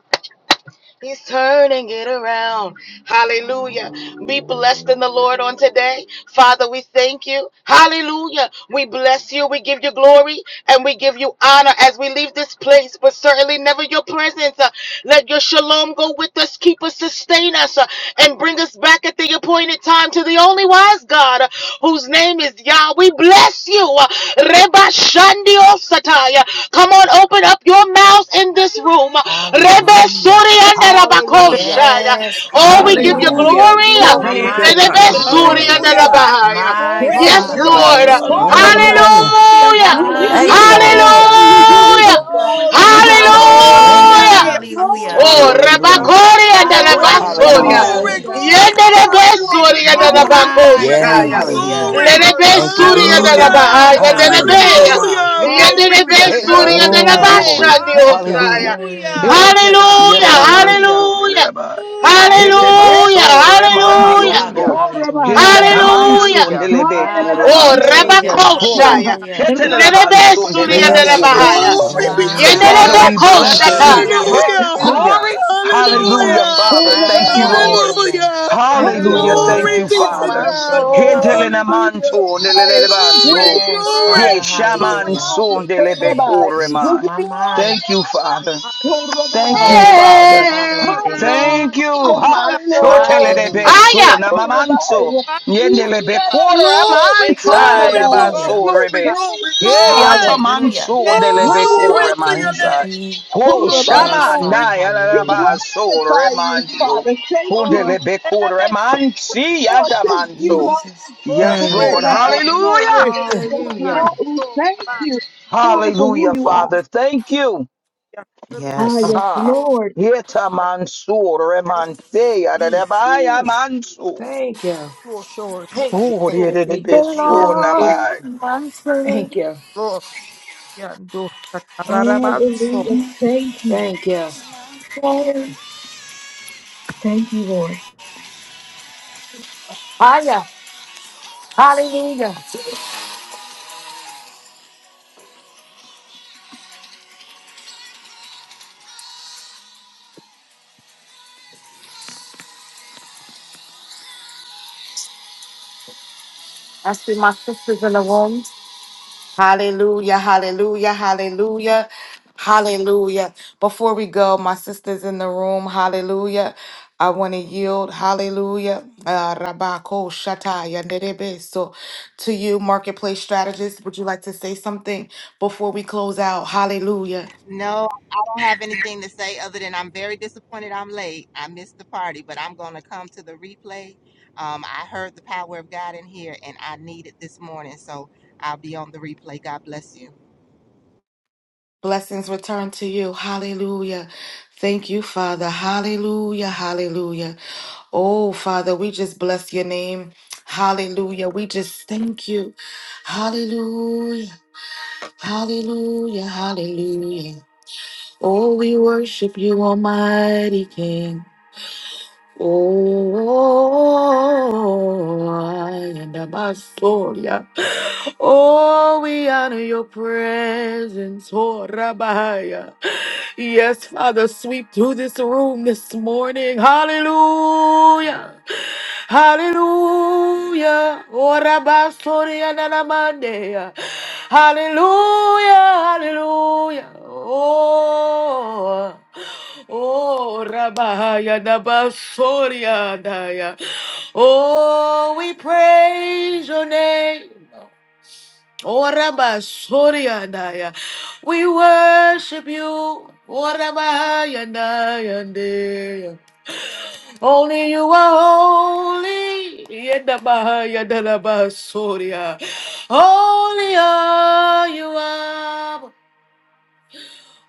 [SPEAKER 1] He's turning it around. Hallelujah. Be blessed in the Lord on today. Father, we thank you. Hallelujah. We bless you. We give you glory and we give you honor as we leave this place, but certainly never your presence. Uh, Let your shalom go with us, keep us, sustain us, uh, and bring us back at the appointed time to the only wise God uh, whose name is Yah. We bless you. Uh, Reba Shandio Sataya. Come on, open up up your mouths in this room. Rebe suri
[SPEAKER 7] Hallelujah.
[SPEAKER 1] anda rabakosha.
[SPEAKER 3] Hallelujah.
[SPEAKER 7] Yes,
[SPEAKER 1] Oh, we give
[SPEAKER 6] Hallelujah.
[SPEAKER 1] you
[SPEAKER 7] hallelujah.
[SPEAKER 3] Hallelujah.
[SPEAKER 5] Hallelujah.
[SPEAKER 1] glory.
[SPEAKER 7] My,
[SPEAKER 5] Glory
[SPEAKER 6] Hallelujah.
[SPEAKER 4] glory.
[SPEAKER 5] be
[SPEAKER 3] Thank you,
[SPEAKER 7] my,
[SPEAKER 5] to
[SPEAKER 7] we
[SPEAKER 3] God.
[SPEAKER 1] Rebe
[SPEAKER 7] give
[SPEAKER 5] God.
[SPEAKER 7] you
[SPEAKER 1] suri
[SPEAKER 6] Give me
[SPEAKER 7] glory.
[SPEAKER 1] anda
[SPEAKER 5] Hallelujah.
[SPEAKER 3] Hallelujah.
[SPEAKER 6] glory.
[SPEAKER 1] rabahaya.
[SPEAKER 7] My
[SPEAKER 5] Glory be
[SPEAKER 6] Hey,
[SPEAKER 1] Yes,
[SPEAKER 5] to
[SPEAKER 6] how
[SPEAKER 7] Father,
[SPEAKER 4] Hallelujah.
[SPEAKER 6] about
[SPEAKER 5] God.
[SPEAKER 1] Lord.
[SPEAKER 7] yes,
[SPEAKER 6] four
[SPEAKER 7] we
[SPEAKER 1] Hallelujah.
[SPEAKER 3] Hallelujah.
[SPEAKER 7] do.
[SPEAKER 5] Hallelujah.
[SPEAKER 6] Rabbi?
[SPEAKER 8] Hallelujah.
[SPEAKER 4] Hallelujah.
[SPEAKER 5] Thank you,
[SPEAKER 6] We give
[SPEAKER 5] Lord.
[SPEAKER 6] you
[SPEAKER 8] Thank you,
[SPEAKER 3] Hallelujah.
[SPEAKER 8] Lord.
[SPEAKER 6] glory.
[SPEAKER 7] Hallelujah,
[SPEAKER 6] We give
[SPEAKER 5] Hallelujah.
[SPEAKER 6] you
[SPEAKER 7] hallelujah.
[SPEAKER 1] Hallelujah.
[SPEAKER 3] Hallelujah.
[SPEAKER 5] Glory
[SPEAKER 6] glory.
[SPEAKER 5] be
[SPEAKER 6] We
[SPEAKER 5] to
[SPEAKER 6] give you
[SPEAKER 5] God.
[SPEAKER 6] glory.
[SPEAKER 8] Thank you,
[SPEAKER 7] Hallelujah,
[SPEAKER 3] Hallelujah.
[SPEAKER 1] Hallelujah.
[SPEAKER 4] Glory.
[SPEAKER 5] Hallelujah.
[SPEAKER 8] Jesus.
[SPEAKER 7] hallelujah.
[SPEAKER 5] Glory
[SPEAKER 6] Glory.
[SPEAKER 1] Oh,
[SPEAKER 5] be to
[SPEAKER 3] Hallelujah.
[SPEAKER 5] God.
[SPEAKER 2] Hallelujah.
[SPEAKER 1] Rabakori and
[SPEAKER 4] Hallelujah.
[SPEAKER 5] Glory,
[SPEAKER 6] Glory. to
[SPEAKER 2] Hallelujah.
[SPEAKER 1] Rabasoria.
[SPEAKER 7] Hallelujah.
[SPEAKER 6] God.
[SPEAKER 5] glory,
[SPEAKER 8] Anabahaya.
[SPEAKER 3] Hallelujah.
[SPEAKER 4] Father
[SPEAKER 5] glory,
[SPEAKER 4] God.
[SPEAKER 5] glory,
[SPEAKER 6] Hallelujah.
[SPEAKER 4] Thank
[SPEAKER 5] glory,
[SPEAKER 1] Yenderebesuri and
[SPEAKER 6] We
[SPEAKER 7] My,
[SPEAKER 6] give
[SPEAKER 4] you.
[SPEAKER 5] glory,
[SPEAKER 6] you
[SPEAKER 7] my,
[SPEAKER 5] glory,
[SPEAKER 6] glory.
[SPEAKER 1] Rabakoshaya.
[SPEAKER 8] Yes.
[SPEAKER 4] You are
[SPEAKER 7] hallelujah.
[SPEAKER 2] Hallelujah.
[SPEAKER 3] Hallelujah.
[SPEAKER 5] glory.
[SPEAKER 4] worthy,
[SPEAKER 8] Thank you,
[SPEAKER 1] Lerebesuri and
[SPEAKER 7] My,
[SPEAKER 3] Hallelujah.
[SPEAKER 4] Lord.
[SPEAKER 8] Jesus.
[SPEAKER 5] Hallelujah.
[SPEAKER 7] my,
[SPEAKER 4] Thank
[SPEAKER 1] Rabahaya.
[SPEAKER 4] you.
[SPEAKER 2] Hallelujah.
[SPEAKER 3] Thank you,
[SPEAKER 7] hallelujah.
[SPEAKER 1] Nerebeya.
[SPEAKER 3] God.
[SPEAKER 5] Hallelujah.
[SPEAKER 6] Hallelujah.
[SPEAKER 5] Glory be
[SPEAKER 3] Hallelujah.
[SPEAKER 5] to
[SPEAKER 2] Hey,
[SPEAKER 5] God.
[SPEAKER 1] Yenderebesuri
[SPEAKER 3] Thank
[SPEAKER 1] and
[SPEAKER 3] you,
[SPEAKER 8] Glory
[SPEAKER 3] God.
[SPEAKER 8] to
[SPEAKER 4] Glory.
[SPEAKER 2] glory.
[SPEAKER 8] God.
[SPEAKER 1] Rabashandi
[SPEAKER 3] Thank you.
[SPEAKER 1] Osaya.
[SPEAKER 2] Hallelujah. Hey,
[SPEAKER 7] Mm,
[SPEAKER 4] Hallelujah.
[SPEAKER 3] Thank you, God.
[SPEAKER 1] Hallelujah,
[SPEAKER 6] Hallelujah.
[SPEAKER 3] Hallelujah.
[SPEAKER 2] yedanamanso
[SPEAKER 1] hallelujah,
[SPEAKER 2] delelaba.
[SPEAKER 4] Hallelujah.
[SPEAKER 2] Hete
[SPEAKER 6] Yes.
[SPEAKER 3] Hallelujah.
[SPEAKER 1] hallelujah,
[SPEAKER 2] baso
[SPEAKER 7] my
[SPEAKER 4] Glory.
[SPEAKER 1] hallelujah,
[SPEAKER 7] Father,
[SPEAKER 2] remandioso.
[SPEAKER 3] Hallelujah.
[SPEAKER 6] Glory. to
[SPEAKER 7] hallelujah.
[SPEAKER 6] God.
[SPEAKER 1] hallelujah.
[SPEAKER 2] Heshatamanso
[SPEAKER 3] Hallelujah.
[SPEAKER 2] ndelebe
[SPEAKER 1] Oh,
[SPEAKER 6] Hallelujah.
[SPEAKER 2] kuremansa.
[SPEAKER 3] Thank you,
[SPEAKER 7] Hallelujah,
[SPEAKER 6] Glory.
[SPEAKER 3] Jesus.
[SPEAKER 2] Ho.
[SPEAKER 6] Hallelujah.
[SPEAKER 1] Rabakoshaya.
[SPEAKER 7] hallelujah.
[SPEAKER 6] Glory
[SPEAKER 3] Ooh,
[SPEAKER 6] to God.
[SPEAKER 2] hetelelabanso
[SPEAKER 1] Lerebesuri and
[SPEAKER 2] ndeleba
[SPEAKER 3] Thank
[SPEAKER 8] Yes,
[SPEAKER 3] you.
[SPEAKER 1] Rabahaya.
[SPEAKER 8] Jesus.
[SPEAKER 4] Hallelujah.
[SPEAKER 5] Glory
[SPEAKER 2] kuremanso.
[SPEAKER 5] be
[SPEAKER 7] My,
[SPEAKER 5] to
[SPEAKER 8] Hallelujah.
[SPEAKER 2] Father,
[SPEAKER 7] my,
[SPEAKER 5] God.
[SPEAKER 2] we
[SPEAKER 3] Thank you,
[SPEAKER 2] bless you.
[SPEAKER 3] God.
[SPEAKER 1] Yenderebekoshataya.
[SPEAKER 7] hallelujah.
[SPEAKER 2] Hey,
[SPEAKER 5] Hallelujah!
[SPEAKER 3] Hallelujah.
[SPEAKER 2] glory.
[SPEAKER 4] Thank you.
[SPEAKER 2] Hallelujah,
[SPEAKER 7] My
[SPEAKER 5] Hallelujah!
[SPEAKER 2] Father. Thank
[SPEAKER 7] Father,
[SPEAKER 2] you, Lord.
[SPEAKER 7] hallelujah.
[SPEAKER 5] Hallelujah!
[SPEAKER 1] the
[SPEAKER 3] Thank you.
[SPEAKER 2] Hallelujah.
[SPEAKER 8] Glory
[SPEAKER 1] Lord,
[SPEAKER 2] Thank
[SPEAKER 8] to
[SPEAKER 5] Glory
[SPEAKER 2] you,
[SPEAKER 8] God.
[SPEAKER 7] Yes,
[SPEAKER 5] be
[SPEAKER 1] oh
[SPEAKER 5] to
[SPEAKER 7] Father,
[SPEAKER 2] Father.
[SPEAKER 1] my
[SPEAKER 7] we
[SPEAKER 5] God!
[SPEAKER 7] thank you,
[SPEAKER 1] soul.
[SPEAKER 6] Hallelujah.
[SPEAKER 7] Father.
[SPEAKER 4] Hallelujah.
[SPEAKER 5] Hallelujah!
[SPEAKER 2] Hentelenamanto
[SPEAKER 6] Hallelujah. When
[SPEAKER 5] Glory,
[SPEAKER 2] nelelebaso.
[SPEAKER 7] Yes,
[SPEAKER 4] Word.
[SPEAKER 5] glory,
[SPEAKER 2] He
[SPEAKER 7] Father,
[SPEAKER 5] glory,
[SPEAKER 2] shaman
[SPEAKER 7] hallelujah.
[SPEAKER 2] shamanso
[SPEAKER 5] glory,
[SPEAKER 8] Thank you,
[SPEAKER 6] Rabbi.
[SPEAKER 8] Jesus.
[SPEAKER 6] Would
[SPEAKER 2] nelebekurema.
[SPEAKER 6] you
[SPEAKER 7] My,
[SPEAKER 6] be
[SPEAKER 7] my.
[SPEAKER 2] Thank you, Father.
[SPEAKER 4] Hallelujah.
[SPEAKER 6] Lord?
[SPEAKER 2] Thank you,
[SPEAKER 6] Rabbi.
[SPEAKER 7] Yes,
[SPEAKER 2] Father.
[SPEAKER 7] Father,
[SPEAKER 1] Hey,
[SPEAKER 7] we
[SPEAKER 4] Glory.
[SPEAKER 6] Hallelujah.
[SPEAKER 7] thank you.
[SPEAKER 1] Lord,
[SPEAKER 2] Thank you.
[SPEAKER 1] oh
[SPEAKER 2] Ha.
[SPEAKER 1] my
[SPEAKER 6] Hallelujah.
[SPEAKER 2] Shotele
[SPEAKER 1] soul.
[SPEAKER 2] de
[SPEAKER 7] Hallelujah.
[SPEAKER 1] Hiya!
[SPEAKER 2] beso na
[SPEAKER 6] Oh,
[SPEAKER 4] Hallelujah.
[SPEAKER 2] mamanso.
[SPEAKER 6] Rabbi.
[SPEAKER 2] Yendele be quarter
[SPEAKER 5] glory,
[SPEAKER 4] Thank
[SPEAKER 6] Oh,
[SPEAKER 2] amansa
[SPEAKER 5] glory,
[SPEAKER 2] ya
[SPEAKER 6] Rabbi.
[SPEAKER 4] you.
[SPEAKER 5] glory,
[SPEAKER 7] Hallelujah.
[SPEAKER 2] baso
[SPEAKER 5] glory,
[SPEAKER 2] rebe.
[SPEAKER 6] Thank
[SPEAKER 5] glory,
[SPEAKER 2] He
[SPEAKER 6] you,
[SPEAKER 2] ya
[SPEAKER 6] Father.
[SPEAKER 5] glory,
[SPEAKER 4] Thank
[SPEAKER 7] Hallelujah.
[SPEAKER 2] tamanso dele be quarter
[SPEAKER 5] glory
[SPEAKER 4] Oh,
[SPEAKER 5] to your
[SPEAKER 8] Thank you,
[SPEAKER 6] Hallelujah.
[SPEAKER 2] amansa.
[SPEAKER 5] name!
[SPEAKER 8] Jesus.
[SPEAKER 2] Ho
[SPEAKER 6] Oh,
[SPEAKER 5] Glory,
[SPEAKER 6] Rabbi.
[SPEAKER 7] Yes,
[SPEAKER 4] Hallelujah,
[SPEAKER 7] Father,
[SPEAKER 5] glory,
[SPEAKER 2] shamanda ya la la
[SPEAKER 6] We
[SPEAKER 7] hallelujah.
[SPEAKER 2] baso
[SPEAKER 6] glorify you,
[SPEAKER 2] remandio.
[SPEAKER 6] Father. Thank
[SPEAKER 4] Lord.
[SPEAKER 6] you.
[SPEAKER 2] Hundele be quarter
[SPEAKER 4] Hallelujah,
[SPEAKER 2] amansi ya
[SPEAKER 6] Lord,
[SPEAKER 8] Thank
[SPEAKER 6] thank
[SPEAKER 8] you,
[SPEAKER 6] you,
[SPEAKER 2] tamanso.
[SPEAKER 8] Jesus.
[SPEAKER 6] Lord.
[SPEAKER 4] Lord.
[SPEAKER 2] Yes,
[SPEAKER 6] Oh,
[SPEAKER 7] Mm.
[SPEAKER 5] glory,
[SPEAKER 2] Lord.
[SPEAKER 4] Hallelujah,
[SPEAKER 6] Rabbi.
[SPEAKER 2] Hallelujah.
[SPEAKER 5] glory,
[SPEAKER 6] Yes,
[SPEAKER 5] glory,
[SPEAKER 3] Hallelujah.
[SPEAKER 6] Lord, we
[SPEAKER 4] Lord.
[SPEAKER 6] thank you, Father, for who
[SPEAKER 2] Hallelujah,
[SPEAKER 6] you are.
[SPEAKER 2] Father. Thank you.
[SPEAKER 4] Thank
[SPEAKER 6] Ah,
[SPEAKER 7] Yes.
[SPEAKER 6] yes,
[SPEAKER 2] Aha.
[SPEAKER 6] Lord.
[SPEAKER 2] Yeta mansur remante ya da da
[SPEAKER 3] Mm,
[SPEAKER 2] ba ya
[SPEAKER 3] ooh, Thank you.
[SPEAKER 4] you, Lord.
[SPEAKER 3] Thank you.
[SPEAKER 2] Ooh,
[SPEAKER 3] Thank
[SPEAKER 2] de-
[SPEAKER 3] you.
[SPEAKER 2] de- de-
[SPEAKER 3] Thank you.
[SPEAKER 2] be
[SPEAKER 3] Thank you.
[SPEAKER 2] so
[SPEAKER 6] Lord.
[SPEAKER 3] Thank you.
[SPEAKER 2] nama.
[SPEAKER 1] Hallelujah.
[SPEAKER 3] Thank you.
[SPEAKER 4] Lord, yeah, Lord.
[SPEAKER 6] Hallelujah. Thank you.
[SPEAKER 3] Thank you.
[SPEAKER 6] Thank you, Lord.
[SPEAKER 1] Hallelujah. I see my sisters in the room. Hallelujah, hallelujah, hallelujah, hallelujah. Before we go, my sisters in the room, hallelujah. I want to yield, hallelujah, uh, Rabako Shata Yanderebe. So, to you, marketplace strategist, would you like to say something before we close out? Hallelujah.
[SPEAKER 9] No, I don't have anything to say other than I'm very disappointed I'm late. I missed the party, but I'm going to come to the replay. Um, I heard the power of God in here and I need it this morning, so I'll be on the replay. God bless you.
[SPEAKER 1] Blessings return to you. Hallelujah. Thank you, Father. Hallelujah, hallelujah. Oh, Father, we just bless your name. Hallelujah. We just thank you. Hallelujah. Hallelujah. Hallelujah. Oh, we worship you, Almighty King. Oh, I and Abasoria. Oh, we honor your presence, oh Rabbiah. Yes, Father, sweep through this room this morning. Hallelujah. Hallelujah. Oh, Rabbasoria Nanamandea. Hallelujah. Hallelujah. Oh. Oh, Rabahaya Dabasoria Daya. Oh, we praise your name. Oh, Rabasoria Daya. We worship you. Oh, Rabahaya Daya Daya. Only you are holy. Yedabahaya Dalabasoria. Only are you are.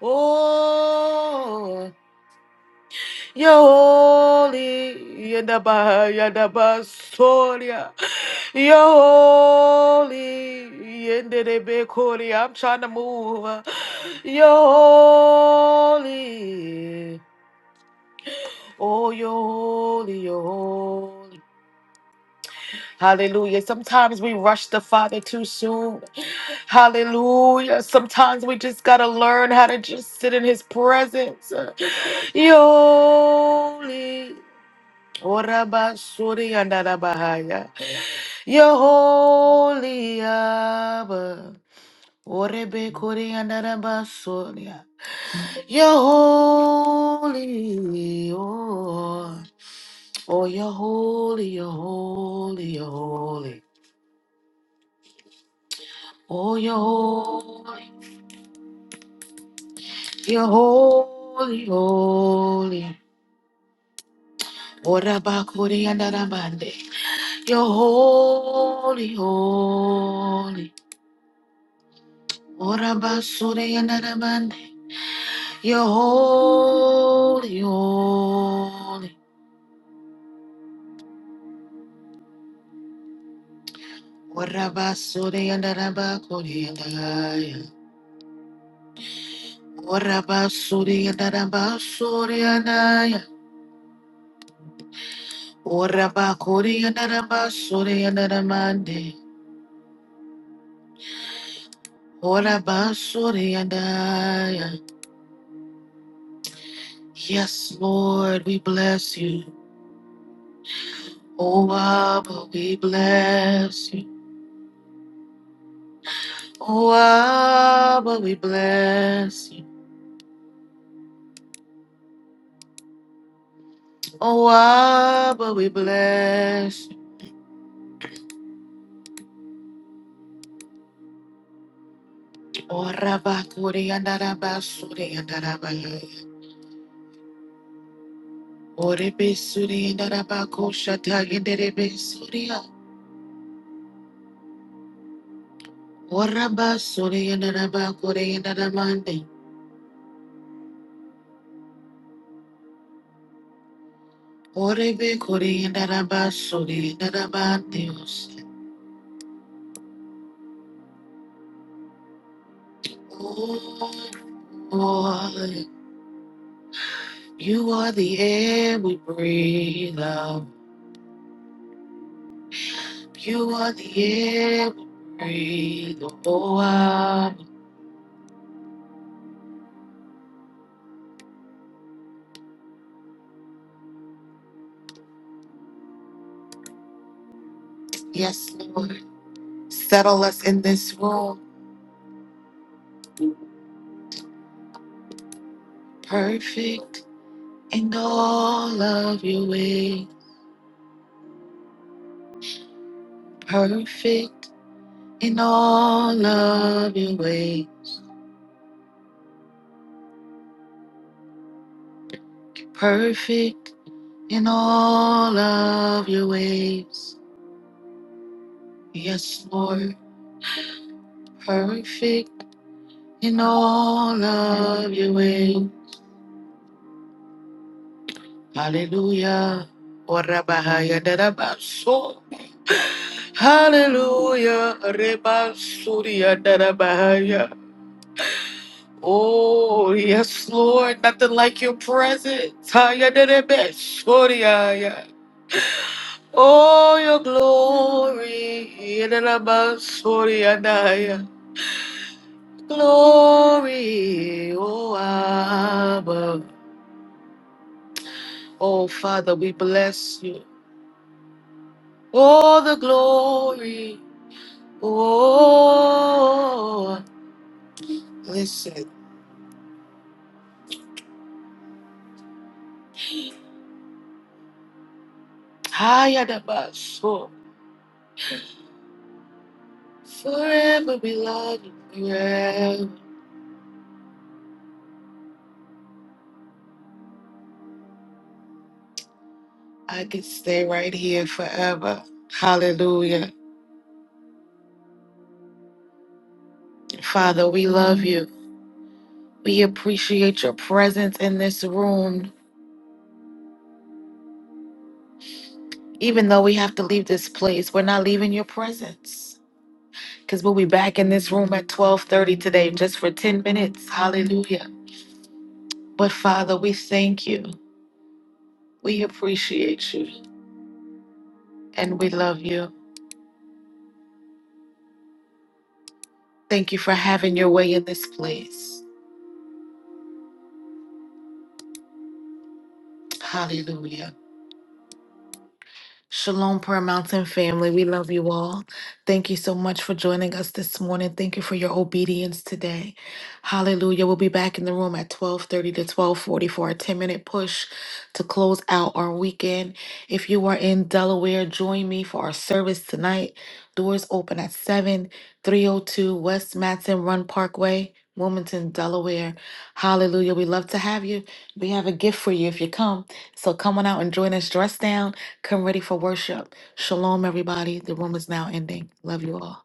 [SPEAKER 1] Oh. You're Yoli Yadaba Yadaba Soria You're Yoli Yendebe Koria. I'm trying to move. You're holy. Oh you're You're holy. you're holy. Hallelujah. Sometimes we rush the Father too soon. Hallelujah. Sometimes we just gotta learn how to just sit in his presence. You're holy. Oraba suri andara You're holy, Abba. Orebe kuri andara You're holy, oh. Oh, you're holy, you're holy, you're holy. Oh, you're holy, you're holy, holy. Oraba kuri andara You're holy, holy. Oraba suri andara You're holy, holy. Warabasuri and Arabakuri and Aya. Warabasuri and Arabasuri and Aya. Warabakuri and Arabasuri and Aramande. Warabasuri and Aya. Yes, Lord, we bless you. Oh, Abba, we bless you. Oh, Abba, we bless you. Oh, Abba, we bless you. Oraba kuri andaraba suri andaraba Orebe suri andaraba kosha tagenderebe suria. Oraba suri andaraba kuri andarabande. Orebe kuri andaraba suri Oh, Lord, you are the air we breathe out. You are the air we breathe. Oh, ah. yes, Lord. Settle us in this room. Perfect. in all of your ways, perfect in all of your ways, perfect in all of your ways. Yes, Lord, perfect in all of your ways, Hallelujah. Orabahaya darabaso. Hallelujah. Rebasuria darabahaya. Oh, yes, Lord. Nothing like your presence. Higher than the best. Sorry, ah, yeah. Oh, your glory. In and above, sorry, and I, yeah. Glory. Oh, Abba. Oh, Father, we bless you. Oh, the glory. Oh, listen. Higher than us. Oh, Forever we love you. yeah. I could stay right here forever. Hallelujah. Father, we love you. We appreciate your presence in this room. Even though we have to leave this place, we're not leaving your presence. Because we'll be back in this room at 1230 today just for 10 minutes. Hallelujah. But Father, we thank you. We appreciate you. And we love you. Thank you for having your way in this place. Hallelujah. Shalom, Prayer Mountain family. We love you all. Thank you so much for joining us this morning. Thank you for your obedience today. Hallelujah. We'll be back in the room at 12:30 to 12:40 for a 10-minute push to close out our weekend. If you are in Delaware, join me for our service tonight. Doors open at 7 302 West Matson Run Parkway, Wilmington, Delaware. Hallelujah. We love to have you. We have a gift for you if you come. So come on out and join us. Dress down Come ready for worship. Shalom, everybody. The room is now ending. Love you all.